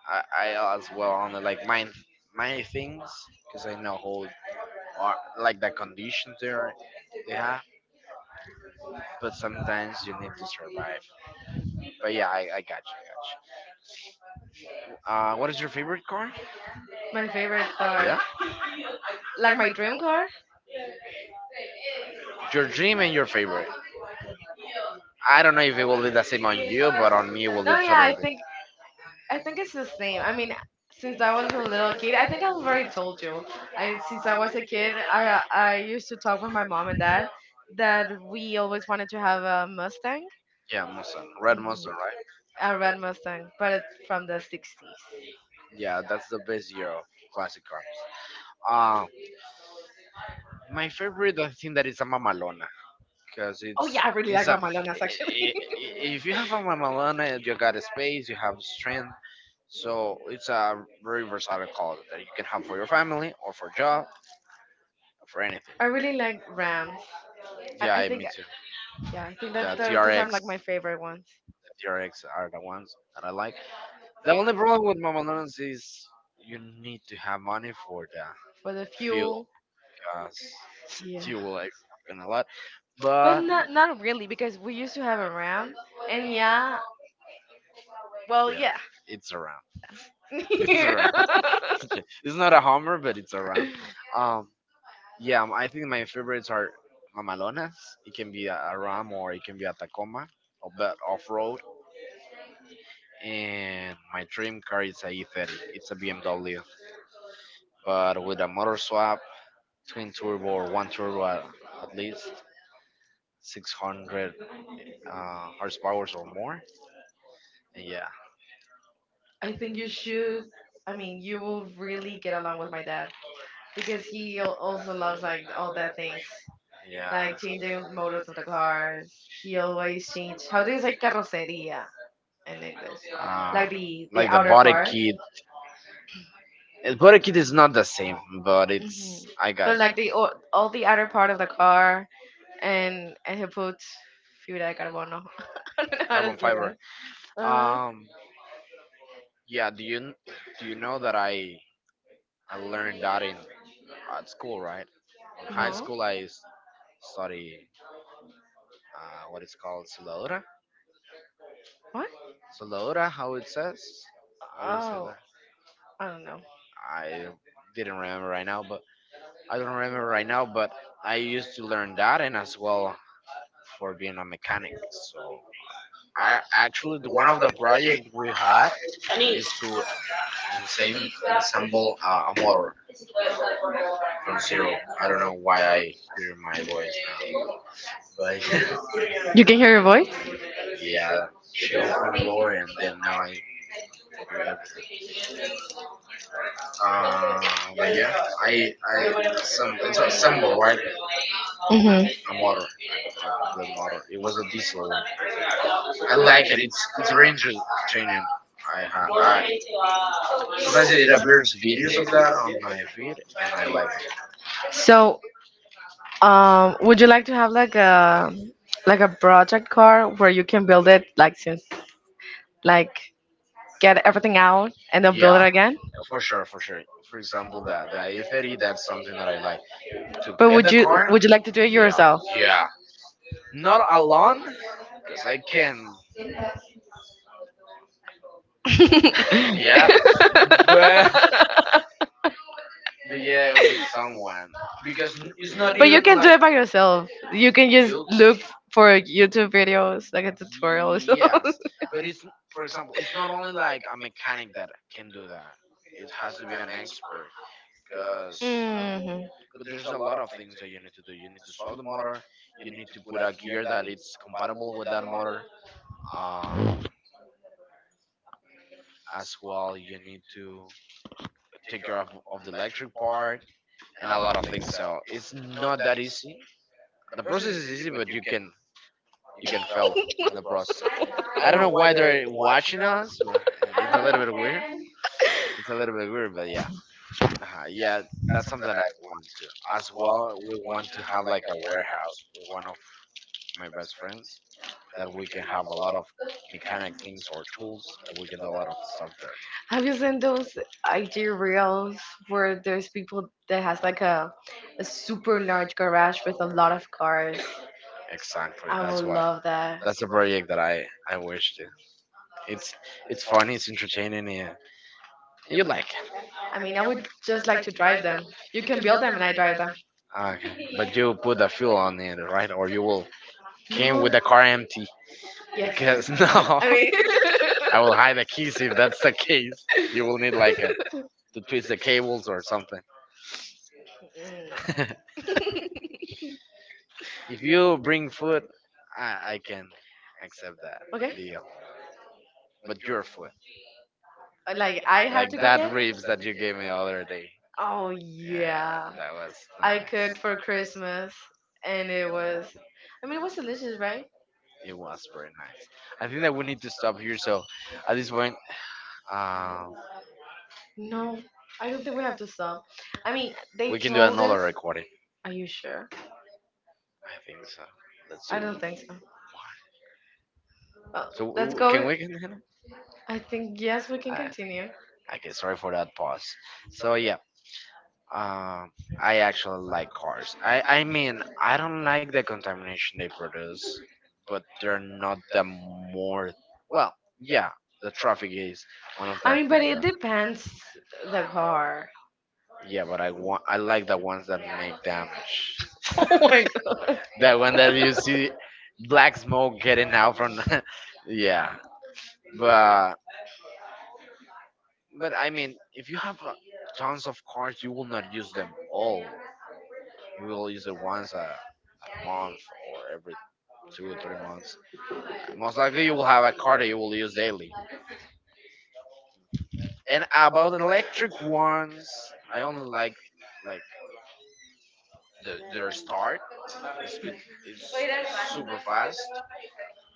A: I as well on the, like my things because I know how are, like the conditions they have. But sometimes you need to survive. But yeah, I got you. Got you. What is your favorite car? My
B: My favorite
A: favorite car.
B: car,
A: Yeah,
B: like my dream car.
A: like your dream and your favorite. I don't know if it will be the same on you, but on me it will be no,
B: No,
A: yeah,
B: yeah,
A: I
B: I
A: totally think
B: think I think it's the same. I
A: I
B: mean,
A: think since
B: since I
A: I was
B: was a
A: a
B: little
A: little
B: kid,
A: kid,
B: I
A: I
B: think
A: think
B: I've
A: I've
B: already
A: already told
B: told
A: you.
B: you. I
A: Since
B: Since I
A: I was
B: was a
A: a kid,
B: kid,
A: I
B: I I
A: asked
B: used to talk with my mom
A: mom
B: and
A: and dad
B: dad
A: that
B: that we always wanted to have a Mustang.
A: yeah, Mustang. Red Mustang,
B: Mhm.
A: right? I
B: A
A: ran
B: red
A: red.
B: Mustang, but it's from the '60s.
A: Yeah, that's the best year of classic cars. Uh, my favorite, I think that is a mamalona, because
B: Oh
A: oh it's
B: yeah,
A: yeah,
B: I
A: I
B: really
A: really it's
B: like
A: like a. Amazonas
B: Ramalonas
A: actually.
B: actually.
A: If you have a mamalona, you got a space, you have strength, so it's a very versatile car that you can have for your family or for job, for anything.
B: I
A: I
B: really
A: really
B: like
A: like Ram.
B: Rams. I,
A: Yeah,
B: I think,
A: me too.
B: yeah, I think that
A: The
B: those are
A: TRX.
B: like my favorite ones
A: The DRX are the ones that I like. The only problem with Mamalones is you need to have money for the
B: for the
A: fuel
B: fuel.
A: because
B: Yeah.
A: fuel is a lot.
B: But
A: But
B: not really because we used to have a Ram, and yeah, well,
A: yeah,
B: yeah.
A: it's around. It's around. It's not a Hummer, but it's around. Um, yeah, I think my favorites are Mamalonas. It can be a Ram or it can be a Tacoma, or but off road. And my dream car is a E30. It's a BMW, but with a motor swap twin turbo or one turbo at least 600 uh, horsepower or more and yeah
B: I think you
A: you should,
B: should. I
A: I
B: mean,
A: mean,
B: you will really get along with my
A: yeah,
B: dad
A: that
B: because
A: because
B: he
A: he
B: al-
A: al-
B: also
A: also
B: loves like all that things,
A: things yeah
B: like
A: like changing
B: changing models
A: motors,
B: of the cars. He
A: he
B: always
A: change
B: change. How
A: how
B: do you say carrocería in English?
A: uh,
B: Like
A: like
B: the
A: like the outer
B: outer
A: body part,
B: part.
A: kit body kit is not the same but
B: Hmm.
A: it's I got
B: But
A: but you
B: like
A: like the
B: all the outer
A: outer
B: part of the
A: part
B: car, and
A: and
B: he puts
A: dude,
B: fibra de
A: I got one.
B: carbono. I don't know
A: I
B: how to
A: carbon don't know.
B: say that.
A: Fiber
B: Uh,
A: um yeah do you know that I learned that in at school, right? In high
B: no.
A: school, study what it's called Solora.
B: What?
A: Solora, how it says? How do you say
B: Oh,
A: that?
B: I don't know.
A: I didn't remember right now, but I don't remember right now. But I used to learn that, and as well for being a mechanic. So I actually one of the project we had is to ensemble a motor from zero. I don't know why I hear my voice now, but
B: You can hear your voice?
A: yeah, she opened the door, and then now I hear everything. But yeah, I assemble. It's assemble right?
B: Hmm.
A: A motor, a complete motor. It was a diesel one. I like it. It's very entertaining. I sometimes it appears videos of that on my feed, and I like it.
B: So, would you like to have like a project car where you can build it, like since like, get everything out and then build,
A: Yeah,
B: yeah, it again?
A: for sure, for sure. For example, that the a 30 that's something that I like. To
B: But
A: get
B: would
A: the
B: you
A: car,
B: would you like to do it
A: yeah,
B: yourself?
A: yeah. Not alone, because I can,
B: Yeah.
A: yeah.
B: Yes.
A: But
B: But
A: but yeah, with someone because it's not
B: But you
A: even
B: can do
A: like
B: it by yourself. You can just
A: you.
B: look for YouTube videos, like a tutorial or something.
A: Yes, but it's for example, it's not only like a mechanic that can do that. It has to be an expert because there's a lot of things that you need to do. You need to swap the motor. You need to put a gear that it's compatible with that motor. Uh, as well, you need to take care of the electric part and a lot of things. So it's not that easy. The process is easy, but you can fail in the process. I don't know why they're watching us. But it's a little bit weird. It's a little bit weird, but yeah, yeah, that's something I want to. As well, we want to have like a warehouse with one of my best friends that we can have a lot of mechanic things or tools that we can do a lot of stuff there.
B: Have you seen those IG reels where there's people that has like a super large garage with a lot of cars?
A: Exactly.
B: I
A: That's
B: would
A: what.
B: love that.
A: That's a project that I wish to. It's it's funny. It's entertaining. Yeah, and you like.
B: I
A: I
B: mean,
A: mean,
B: I
A: I would
B: would just like to drive
A: drive them,
B: them. You can build
A: build
B: them
A: them,
B: and
A: and
B: I
A: I
B: drive
A: drive
B: them.
A: them. Ah, but you put the fuel on it, right? Or you will came
B: No.
A: with the car empty.
B: Yes.
A: Because no,
B: I mean.
A: I
B: No.
A: will hide the keys if that's the case. You will need like a, to twist the cables or something.
B: Mm, no.
A: If you bring food, I, I can accept that
B: Okay.
A: okay. Deal. But your food,
B: Like
A: Like
B: I
A: I had
B: had,
A: like
B: and to
A: to
B: cook
A: that
B: it.
A: cook. Ribs that you gave me the other day.
B: Oh
A: Oh yeah,
B: yeah,
A: yeah, that was I
B: I
A: nice.
B: cooked
A: Cooked
B: for
A: for
B: Christmas,
A: Christmas,
B: and
A: and
B: it
A: it was.
B: was. I
A: I
B: mean, it
A: mean, it
B: was
A: was
B: delicious,
A: delicious,
B: right?
A: right? It was very nice. I think that we need to stop here. So at this point, um,
B: No,
A: no,
B: I
A: I
B: don't
A: don't
B: think we
A: think we
B: have
A: have
B: to
A: to
B: stop.
A: stop.
B: I
A: I
B: mean,
A: mean, they
B: they
A: we can do for
B: told
A: another
B: us.
A: listening. Recording.
B: Are
A: Are
B: you
A: you
B: sure?
A: sure? I think so. Let's
B: I
A: do I it.
B: don't
A: Don't
B: think
A: think
B: so.
A: so.
B: Well,
A: Oh, so let's
B: let's we
A: go can
B: go.
A: with. We continue?
B: I
A: I think
B: think
A: yes,
B: yes, we
A: we
B: can
A: can
B: continue.
A: continue. Okay, sorry for that pause. So yeah. Um, I actually like cars. I mean, I don't like the contamination they produce, but they're not the more. Well, yeah, the traffic is one of the.
B: I
A: I
B: mean,
A: mean,
B: but
A: but things
B: it
A: it that. Depends
B: depends the
A: the car.
B: car.
A: Yeah, but I like the ones that make damage.
B: Oh my
A: Oh
B: god.
A: the one that you see black smoke getting out from. yeah, but but I mean, if you have tons of cars, you will not use them all. You will use it once a month or every 2 or 3 months. Most likely, you will have a car that you will use daily. And about electric ones, I only like the their start. It's bit, it's super fast,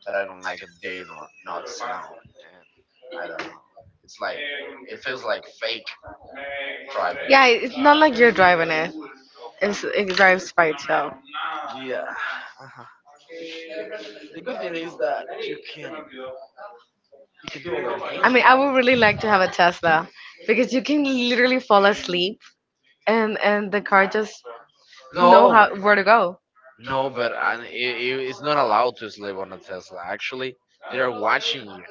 A: but I don't like a day nor not sound. And I don't know. It's like it feels like fake driving.
B: Yeah, it's not like you're driving it. It drives by itself.
A: Yeah. Uh The good thing is that you can do other
B: I
A: things. I
B: mean,
A: mean,
B: I
A: I while
B: would
A: would
B: really
A: really
B: like
A: like to
B: to have
A: have
B: a
A: a Tesla
B: Tesla because
A: because
B: you
A: you can
B: can literally
A: literally fall
B: fall asleep,
A: asleep and,
B: and
A: and
B: the
A: the
B: car
A: car
B: just
A: just
B: know
A: knows
B: how,
A: how, no,
B: where
A: where
B: to
A: to go.
B: go.
A: No, but and it's not allowed to sleep on a Tesla, actually. They're watching you.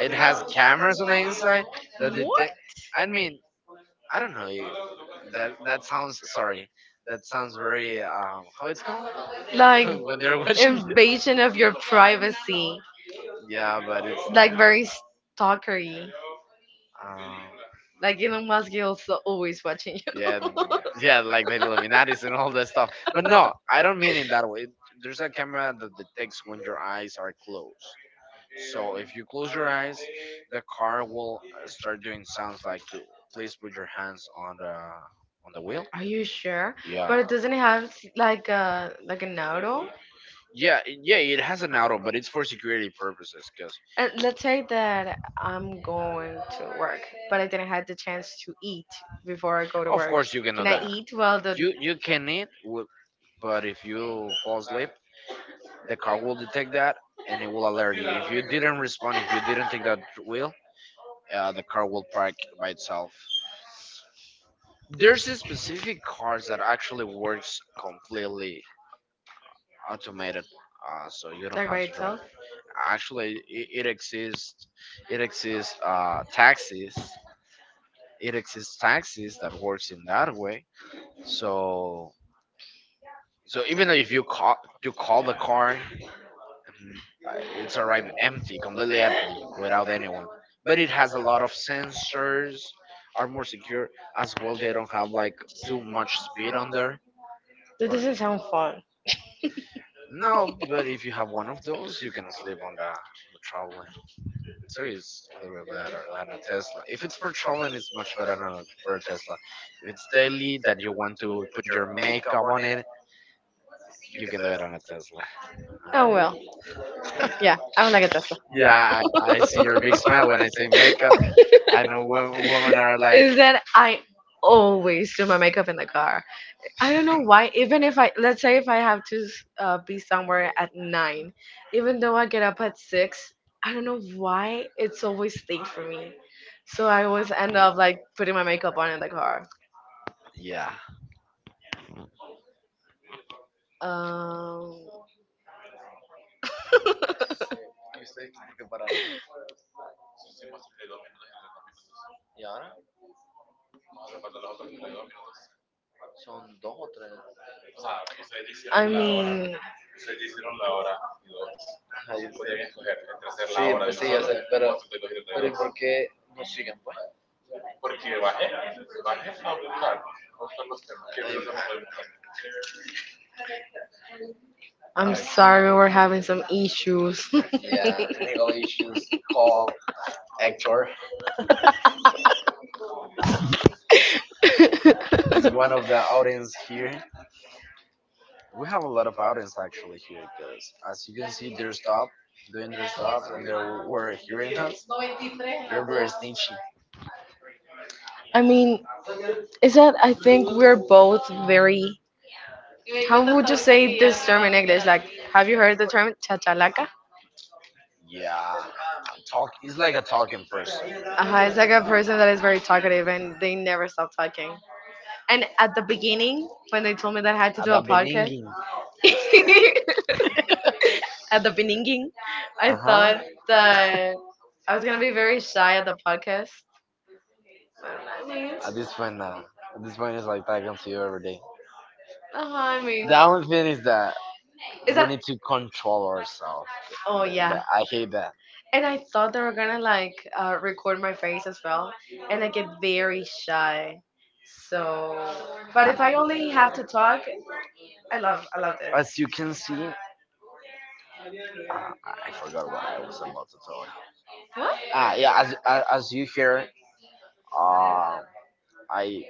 A: It has cameras on the inside that detect. I mean, I don't know. That that sounds sorry that sounds very how it's called. Like
B: Like
A: when they're watching you,
B: invasion
A: invasion
B: of
A: of
B: your
A: your privacy.
B: privacy,
A: Yeah, but it's like
B: like
A: Like very
B: very
A: stalkery.
B: stalkery.
A: um, Like
B: Like
A: Elon
B: Elon
A: Musk
B: Musk is
A: is also
B: also
A: always
B: always
A: watching,
B: watching you.
A: yeah. Yeah, like the Illuminatis and all that stuff. But no, I don't mean in that way. There's a camera that detects when your eyes are closed. So if you close your eyes, the car will start doing sounds like to please put your hands on the wheel.
B: Are
A: Are
B: you
A: you sure?
B: sure?
A: Yeah.
B: But
A: But
B: it
A: it
B: doesn't
A: doesn't have
B: have
A: like
B: like
A: a
B: a like
A: like a
B: an
A: auto.
B: auto.
A: Yeah, it has an auto, but it's for security purposes. Cause and
B: And
A: let's
B: let's say
A: say that
B: that
A: I'm
B: I'm
A: going,
B: going to work, but I
A: like that
B: didn't
A: I
B: have
A: had
B: the
A: the chance
B: chance
A: to
B: to
A: eat
B: eat
A: before
B: before
A: I
B: I go
A: go to
B: to
A: of work.
B: work.
A: Course you can do.
B: Can
A: And I
B: I
A: that eat
B: eat?
A: while
B: Well,
A: the.
B: the—
A: You can eat, but if you fall asleep, the car will detect that and it will alert you. If you didn't respond, if you didn't take that wheel, the car will park by itself. There's a specific cars that actually works completely automated, so you don't right
B: Like
A: have
B: by
A: to drive.
B: itself?
A: Actually, it exists. Taxis, it exists taxis that works in that way. So so even if you call the car, mm, it's arrived empty, completely empty, without anyone. But it has a lot of sensors, are more secure as well. They don't have like too much speed on there.
B: That
A: Or
B: doesn't sound fun.
A: no, but if you have one of those, you can sleep on the trolley. So it's a little bit better than a Tesla. If it's for traveling, it's much better than a, for a Tesla. If it's daily that you want to put your makeup on it, you can do it on a Tesla. Oh,
B: Oh
A: well,
B: well.
A: yeah.
B: Yeah, I would
A: I
B: like a Tesla.
A: Yeah, I see your big smile when I say makeup. I know, women are like.
B: Is
A: And
B: that I
A: always
B: always
A: do
B: do
A: my
B: my
A: makeup
B: makeup
A: in
B: in
A: the
B: the
A: car.
B: car.
A: You
B: I don't know
A: know,
B: why.
A: even
B: Even
A: if
B: if
A: I
B: I Let's say
A: say,
B: if I have to,
A: um,
B: be
A: somewhere
B: somewhere
A: at
B: at
A: 9,
B: 9, even
A: even though
B: though
A: I
B: I
A: get
B: get
A: up
B: up
A: at
B: at 6,
A: 6,
B: I
A: I
B: don't
A: don't know
B: know
A: why,
B: why it's always late for me.
A: anyway. So
B: So
A: I
B: I
A: always
B: always end
A: end up
B: up like putting my
A: in
B: makeup on in the
A: the car.
B: car.
A: Yeah. Um,
B: Um, I mean,
A: I'm.
B: I'm
A: Okay. Sorry.
B: sorry, we're having some issues.
A: In English is called actor. He's one of the audience here. We have a lot of audience, actually, here because as you can see, they're stopped doing their stops and they were hearing us. They're very snitchy.
B: I mean, is that I think we're both very. How would you say this term in English? Like, have you heard the term chachalaca?
A: Yeah. Talk. He's like a talking person.
B: Uh-huh,
A: It's
B: it's like
A: like
B: a
A: a person
B: person
A: that
B: that is very
A: is very,
B: talkative and they
A: they never.
B: never stop talking.
A: And
B: And
A: at
B: at the
A: the beginning,
B: beginning, when
A: when they
B: they told
A: told
B: me
A: me that
B: that I
A: I had
B: had
A: to
B: to
A: at do
B: do a
A: the a
B: podcast,
A: podcast, beninging.
B: at the beginning,
A: I,
B: I thought
A: thought that
B: that I
A: I was
B: was gonna
A: gonna be
B: be
A: very
B: very
A: shy
B: shy
A: at
B: at
A: the
B: the
A: podcast.
B: podcast. Well, I mean,
A: At
B: it's.
A: this point, nah. At this point, it's like talking to you every day. Uh-huh, I
B: I
A: mean,
B: mean.
A: the only thing is that it's, we
B: Is
A: like,
B: that?
A: need to control ourselves.
B: Oh yeah.
A: I hate that. And
B: And
A: I
B: I
A: thought
B: thought they
A: they were
B: were
A: gonna
B: gonna
A: like,
B: like,
A: record
B: record
A: my
B: my
A: face
B: face
A: as
B: as
A: well.
B: well,
A: I
B: and I
A: get
B: get
A: very
B: very
A: shy.
B: shy.
A: So,
B: So, but
A: but if
B: if
A: I
B: I
A: only
B: only
A: have
B: have to
A: to talk,
B: talk, I love
A: I
B: I
A: love
B: love
A: it.
B: this.
A: As you can see, I forgot what I was about to tell you.
B: What?
A: Ah, yeah. As you hear, um, I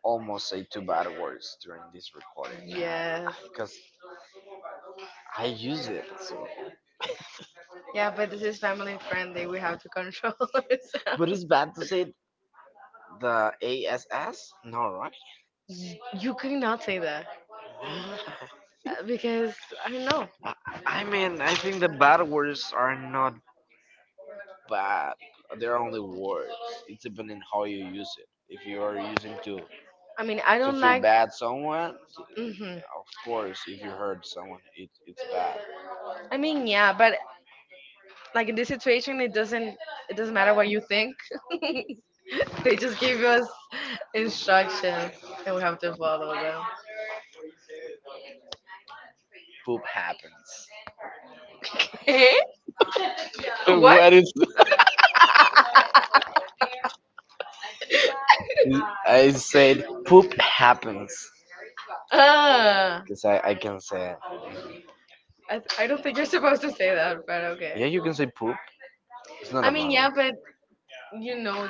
A: almost say two bad words during this recording
B: Yes.
A: because I use it. So. Yeah,
B: Yeah,
A: but
B: but this
A: this
B: is
A: is family
B: family friendly.
A: friendly. We
B: We
A: have
B: have
A: to
B: to control
A: control it. But it's
B: ourselves.
A: bad to say the ASS? No, right?
B: Y-
A: You
B: You
A: cannot
B: cannot
A: say
B: say
A: that.
B: that,
A: What? Because,
B: because I don't know.
A: no. I mean, I think the bad words are not, but they're only words. It depends on how you use it. If you are using
B: I mean, I
A: to
B: don't
A: feel like
B: like.
A: bad someone. Mhm.
B: Hmm.
A: Of course, if you hurt someone, it's bad.
B: I
A: I
B: mean,
A: mean, yeah,
B: yeah,
A: but
B: but
A: like
B: like in
A: in
B: this
A: this
B: situation,
A: situation,
B: it
A: it doesn't
B: doesn't.
A: it
B: It doesn't
A: doesn't
B: matter what
A: what you
B: you
A: think.
B: think. They
A: They just
B: just
A: give
B: give
A: us
B: us
A: instructions,
B: instructions, and
A: and
B: we
A: we
B: have
A: have to
B: to
A: follow.
B: follow them.
A: Poop happens.
B: Okay? What?
A: What is? I said poop happens. Oh,
B: Ah,
A: because I can say it.
B: I,
A: I,
B: I
A: I
B: don't
A: don't
B: think
A: think
B: you're
A: you're
B: supposed
A: supposed to
B: to
A: say
B: say
A: that,
B: that,
A: but
B: but
A: okay. Yeah,
B: okay.
A: you can say poop. It's not I
B: I
A: a mean,
B: mean,
A: matter.
B: yeah,
A: Yeah, problem. But
B: you
A: you know,
B: know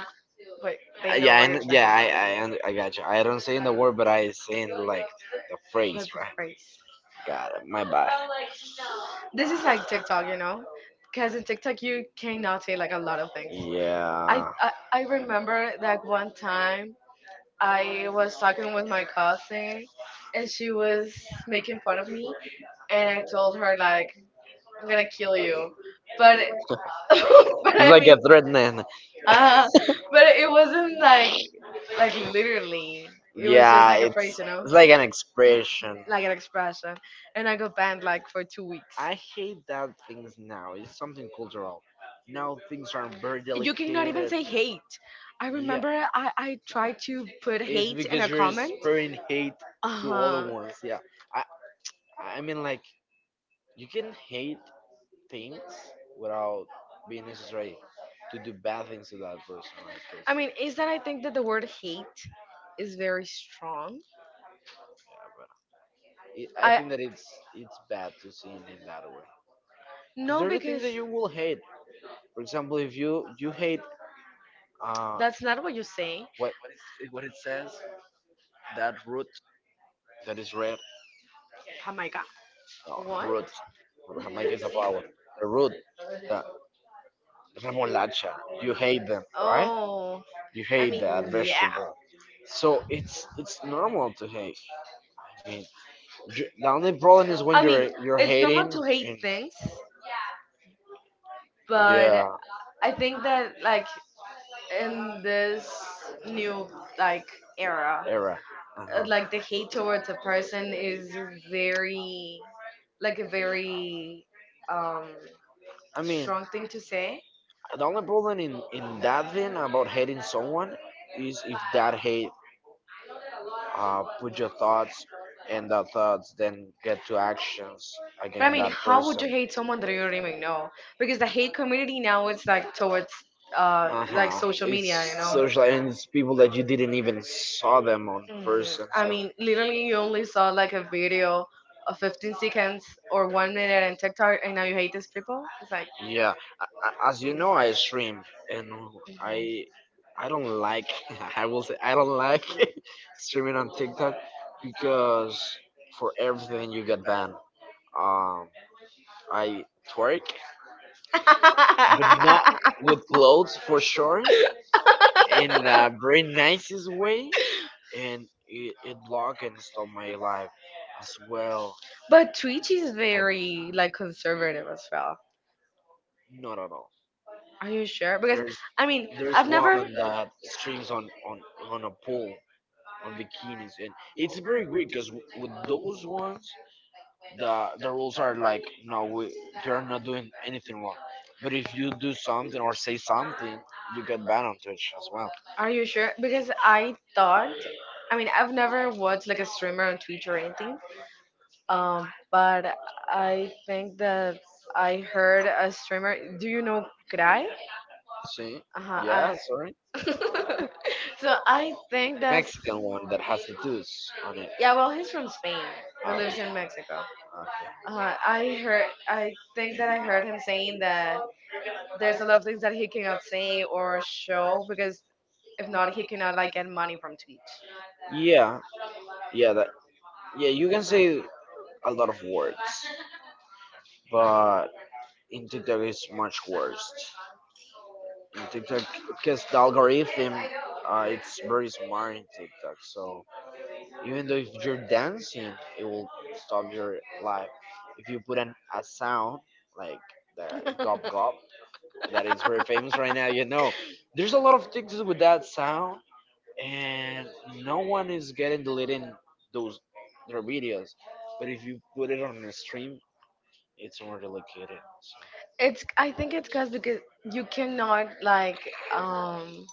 B: but they
A: I
B: know what
A: yeah, know.
B: you're
A: And
B: trying
A: yeah,
B: to say.
A: I got you. I don't say in the word, but I say in like the phrase,
B: That's the
A: right?
B: phrase.
A: Got it. My bad.
B: This
A: This
B: is
A: is like
B: like TikTok,
A: TikTok,
B: you
A: you know,
B: know, because
A: because
B: in
A: in TikTok
B: TikTok
A: you
B: you cannot
A: cannot
B: say
A: say
B: like
A: like
B: a
A: a
B: lot
A: lot of
B: of things.
A: things. I Yeah. I,
B: I
A: I remember
B: remember
A: that
B: like
A: one
B: one
A: time
B: time I
A: I was
B: was
A: talking
B: talking with
A: with
B: my
A: my cousin,
B: cousin,
A: and
B: and
A: she
B: she
A: was
B: was
A: making
B: making fun
A: fun
B: of
A: of me,
B: me, and
A: and
B: I
A: I
B: told
A: told
B: her
A: her
B: like,
A: like,
B: I'm
A: I'm
B: gonna
A: gonna
B: kill
A: kill you.
B: you, but
A: But it, but
B: but
A: it's I
B: I
A: like
B: mean,
A: think a threatening,
B: uh but
A: but
B: it
A: it wasn't
B: wasn't like
A: like
B: Like
A: like literally. It was
B: literally, it
A: like,
B: was just
A: yeah,
B: like
A: a
B: a
A: it's phrase,
B: phrase,
A: it's operational, like an expression.
B: like an expression.
A: And
B: And
A: I
B: I
A: got
B: got banned
A: banned
B: like
A: like for
B: for two
A: two
B: weeks.
A: weeks. I hate that things now. It's something cultural. Now things are very, you
B: You cannot
A: cannot
B: even
A: delicate
B: say
A: say.
B: hate. I Yeah,
A: I Yeah, remember
B: remember, I,
A: I,
B: I
A: I
B: tried
A: tried to
B: to
A: put
B: put
A: it's hate in,
B: hate in a
A: because a you're
B: comment.
A: comment spreading hate.
B: Uh
A: To huh. Other
B: huh.
A: ones. Yeah, I I mean, like, you can hate things without being necessary to do bad things to that person. Like, 'cause.
B: I
A: I
B: mean,
A: mean,
B: is
A: is
B: that I
A: that,
B: think
A: think
B: that
A: that
B: the
A: the
B: word
A: word
B: hate
A: hate
B: is
A: is
B: very
A: very strong.
B: strong.
A: Yeah, but it, I think that it's bad to see it in that way. Because no,
B: No,
A: there are
B: because
A: things that you will hate. For example, if you hate,
B: that's
A: that's not
B: not what
A: what
B: you
A: you say.
B: say.
A: what what it says, that root, that is red.
B: Oh
A: Oh
B: my
A: my
B: god.
A: god.
B: What?
A: No, root. Jamaica is a flower. The root, the remolacha. You hate them, right? Oh,
B: Oh,
A: you
B: I
A: hate
B: mean,
A: that, yeah,
B: yeah.
A: vegetable. So it's normal to hate. I mean, the only problem is when
B: I mean,
A: you're
B: it's normal
A: hating
B: to hate
A: and,
B: things, but
A: yeah,
B: I think that in this new like era,
A: era. Uh-huh.
B: like the hate towards a person is very like a very um
A: I mean, the
B: strong thing to say.
A: only problem in that thing about hating someone is if that hate, put your thoughts and that thoughts then get to actions
B: But I
A: against
B: mean,
A: that
B: how would
A: person.
B: you hate someone that you don't even know? Because the hate community now is towards like
A: Uh-huh,
B: social
A: it's
B: media, you know.
A: social, and it's people that you didn't even saw them on
B: Hmm.
A: person,
B: I
A: so
B: mean, literally, you only saw like a video of 15 seconds or 1 minute in TikTok, and now you hate these people. It's like,
A: yeah. As you know, I stream, and I I don't like, I will say I don't like streaming on TikTok, because for everything you get banned. Um, I twerk,
B: mhm.
A: not with clothes for sure, in a very nicest way, and it blocked and stopped my life as well.
B: but Twitch is
A: I
B: very like conservative as well.
A: not at all.
B: Are you sure? Because
A: There's
B: I mean,
A: there's
B: I've never.
A: woman that streams on a pool, on bikinis, and it's very weird because with those ones, the rules are like, no, we, they're not doing anything wrong. But if you do something or say something, you get banned on Twitch as well.
B: Are you sure? Because I thought. I mean, I've never watched like a streamer on Twitch or anything. But I think that I heard a streamer. Do you know Krai?
A: See?
B: Uh huh.
A: Yeah, sorry.
B: I. so I
A: Well, the
B: think that's
A: Mexican one that has the deuce on it.
B: yeah. Well,
A: Well,
B: he's
A: he's
B: from
A: from.
B: Spain, but
A: Ah, okay.
B: lives in Mexico.
A: Okay.
B: I heard. I think
A: Think
B: that
A: that
B: I heard him saying
A: saying that
B: that
A: a
B: there's a
A: lot
B: lot
A: of
B: of things that he cannot say
A: name,
B: or
A: or
B: show because if
A: if
B: not,
A: not.
B: he cannot like get money from Twitch.
A: Yeah, yeah, that, yeah. You can say a lot of words, but in TikTok it's much worse. In TikTok, because the algorithm, it's very smart in TikTok, so even though if you're dancing, it will stop your life if you put an a sound like the gob gob that is very famous right now, you know. There's a lot of things with that sound, and no one is getting deleting those their videos. But if you put it on a stream, it's more delegated. So
B: it's I
A: I
B: think
A: think
B: it's cause because you
A: you
B: cannot
A: cannot like, um
B: um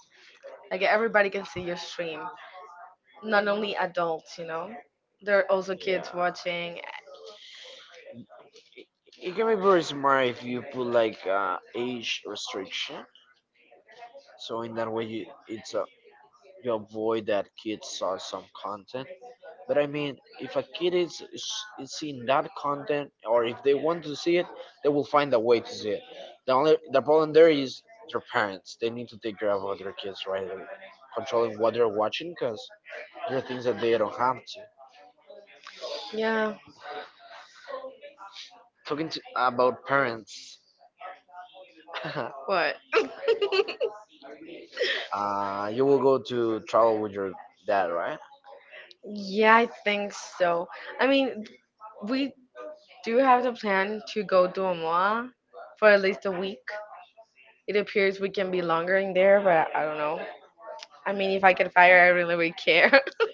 B: like
A: like,
B: everybody
A: everybody
B: can
A: can
B: see
A: see
B: your
A: your stream,
B: stream. Not
A: not
B: only
A: only adults,
B: adults, you
A: you know.
B: know, there
A: There
B: are
A: are
B: also
A: also, yeah,
B: kids
A: kids watching.
B: watching.
A: It can be very smart if you put like, age restriction. So in that way, you, it's a, you avoid that kids saw some content. But I mean, if a kid is seeing that content, or if they want to see it, they will find a way to see it. The only the problem there is their parents. They need to take care of their kids, right? Like, controlling what they're watching, because there are things that they don't have to.
B: Yeah,
A: Talking to, about parents.
B: what?
A: You will go to travel with your dad, right?
B: Yeah,
A: Yeah,
B: I
A: I
B: think
A: think so.
B: so. I
A: I mean,
B: mean, we
A: we
B: do
A: do
B: have
A: have
B: the
A: the plan
B: plan
A: to
B: to go
A: go
B: to
A: to Oman
B: Omaha for
A: for
B: at
A: at least
B: least a
A: a
B: week.
A: week.
B: It
A: Appears
B: appears we
A: we
B: can
A: can
B: be
A: be
B: longer
A: longer in
B: in there,
A: there, but I
B: but I
A: don't
B: don't
A: know.
B: know. I
A: I
B: mean,
A: mean,
B: if
A: if
B: I
A: I
B: get
A: can hire,
B: fired, I
A: I
B: really
A: don't
B: would care.
A: care.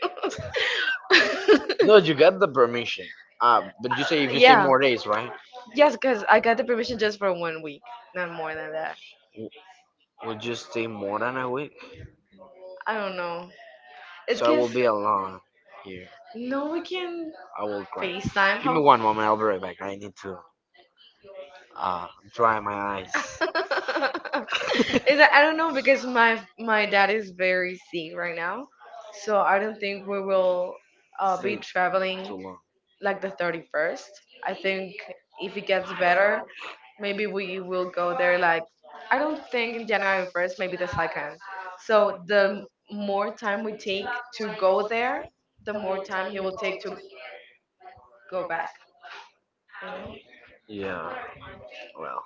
A: No, you get the permission. But you say if you stay, yeah,
B: yeah.
A: more days, right?
B: Yes,
A: Yes,
B: because I got the permission just for 1 week, not more than that.
A: no more than. W- Would you stay more than a week?
B: I
A: I don't
B: don't
A: know.
B: know.
A: So it's
B: It's
A: I gonna
B: because
A: will just be alone here.
B: no, we can
A: I will cry.
B: FaceTime.
A: FaceTime. Give
B: How?
A: me one moment. I'll be right back. I need to, Uh, dry my eyes.
B: Is
A: Is
B: that,
A: that,
B: I
A: I
B: don't
A: don't
B: know,
A: know because
B: because
A: my
B: my
A: my
B: dad
A: dad is
B: is
A: very
B: very
A: sick
B: sick right
A: right now,
B: now, so
A: so
B: I
A: I
B: don't
A: don't think
B: think we
A: we will,
B: will be
A: be stay traveling too
B: traveling
A: long, like
B: like the
A: the
B: thirty
A: 31st.
B: first. I
A: And
B: think if
A: if
B: it
A: it gets
B: gets
A: better,
B: better, maybe
A: maybe we
B: we will
A: will go
B: go
A: there,
B: there
A: like
B: like I don't think
A: staying
B: in
A: in
B: january
A: January
B: 1st,
A: 1st.
B: maybe the second.
A: So
B: So the
A: the
B: more
A: more
B: time
A: time
B: we
A: we
B: take to
A: go
B: go
A: there,
B: there, the
A: the
B: more
A: more
B: time
A: time
B: he
A: you
B: will take to go
A: go back.
B: back, you know?
A: Yeah, well,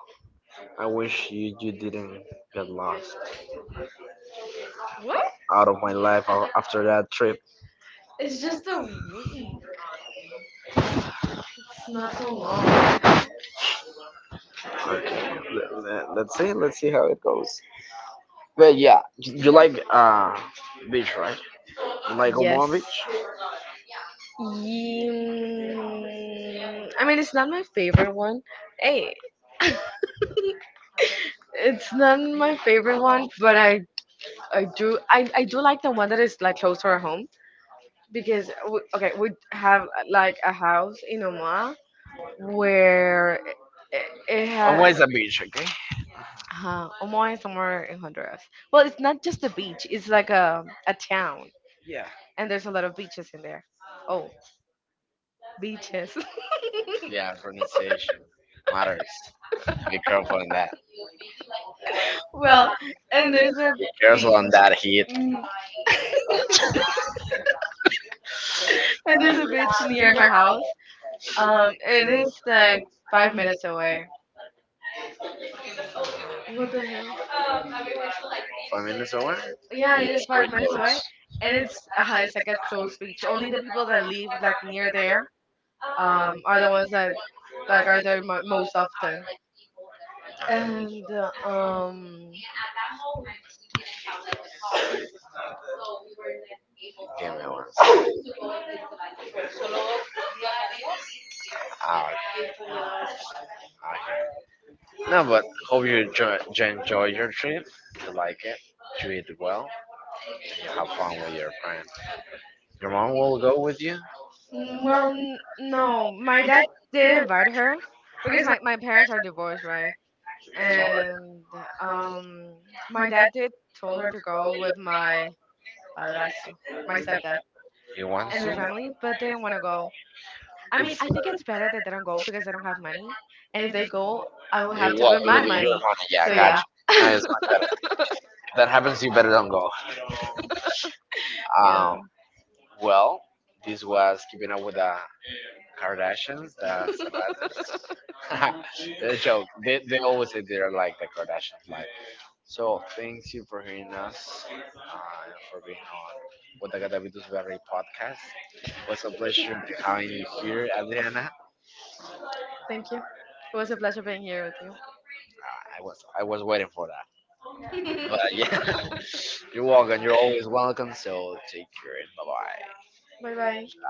A: I wish you, you didn't get lost.
B: What,
A: What? Out of my life after that trip. It's
B: it's
A: just
B: just a
A: the.
B: week, it's not
A: Not so
B: so long.
A: long. But yeah, you like, beach, right? You like Omaha
B: Yes.
A: Beach?
B: I
A: I mean,
B: mean it's not my
A: it's
B: favorite one. Hey, it's not
A: my
B: my favorite
A: favorite one,
B: one,
A: but
B: but I do like the one that is like close to our home
A: I
B: because okay, we
A: have
B: have
A: like
B: like
A: a
B: a
A: house
B: house
A: in
B: in Omaha
A: Omaha, where
B: where
A: it
B: it
A: Omaha has
B: had
A: always a beach, okay?
B: Omaha is somewhere in Honduras. Well, it's not just a beach; it's like a town, and there's a lot of beaches in there. Oh, beaches.
A: Yeah, pronunciation matters. Be careful on that.
B: well, and there's a
A: Careful
B: beach.
A: on that heat.
B: Mhm. And there's a beach near my house.
A: uh,
B: It is
A: like
B: like
A: five
B: 5 minutes away. What the hell?
A: minutes. 5 minutes away? Yeah,
B: Yeah,
A: yeah, yeah,
B: it is
A: pretty
B: five
A: 5 minutes
B: minutes
A: away,
B: away,
A: and
B: and
A: it's.
B: it's like a closed beach. Only the people that live like near there are the ones that like are there most often. And
A: Give me one second. Out. Okay. No, but hope you enjoy your trip. You like it. You eat well, and you have fun with your friends. Your mom will go with you. Well,
B: well, no, my dad did invite her
A: because
B: because
A: my,
B: my parents are divorced, right?
A: sorry.
B: And um,
A: My
B: my
A: dad,
B: dad did told her to go with my padrastro,
A: my
B: my
A: dad,
B: stepdad,
A: you want
B: and their
A: to?
B: family, but they didn't want to go. I mean, I think it's better that they don't go because I don't have money. And if they go, I will
A: It
B: have to put
A: will
B: my
A: be your
B: money.
A: money. Yeah, I
B: So
A: got
B: yeah,
A: you. No, it's not better. If that happens, you better don't go. Um.
B: yeah.
A: Well, this was Keeping Up With the Kardashians. That's a joke. They always say they're like the Kardashians. Like, so thank you for hearing us, for being on with the Gadavitus Berry podcast. It was a pleasure having you here, Adriana.
B: Thank you. It was a pleasure being here with you.
A: I was, I was waiting for that. But yeah, you're welcome. You're always welcome. So take care, and bye bye.
B: bye bye.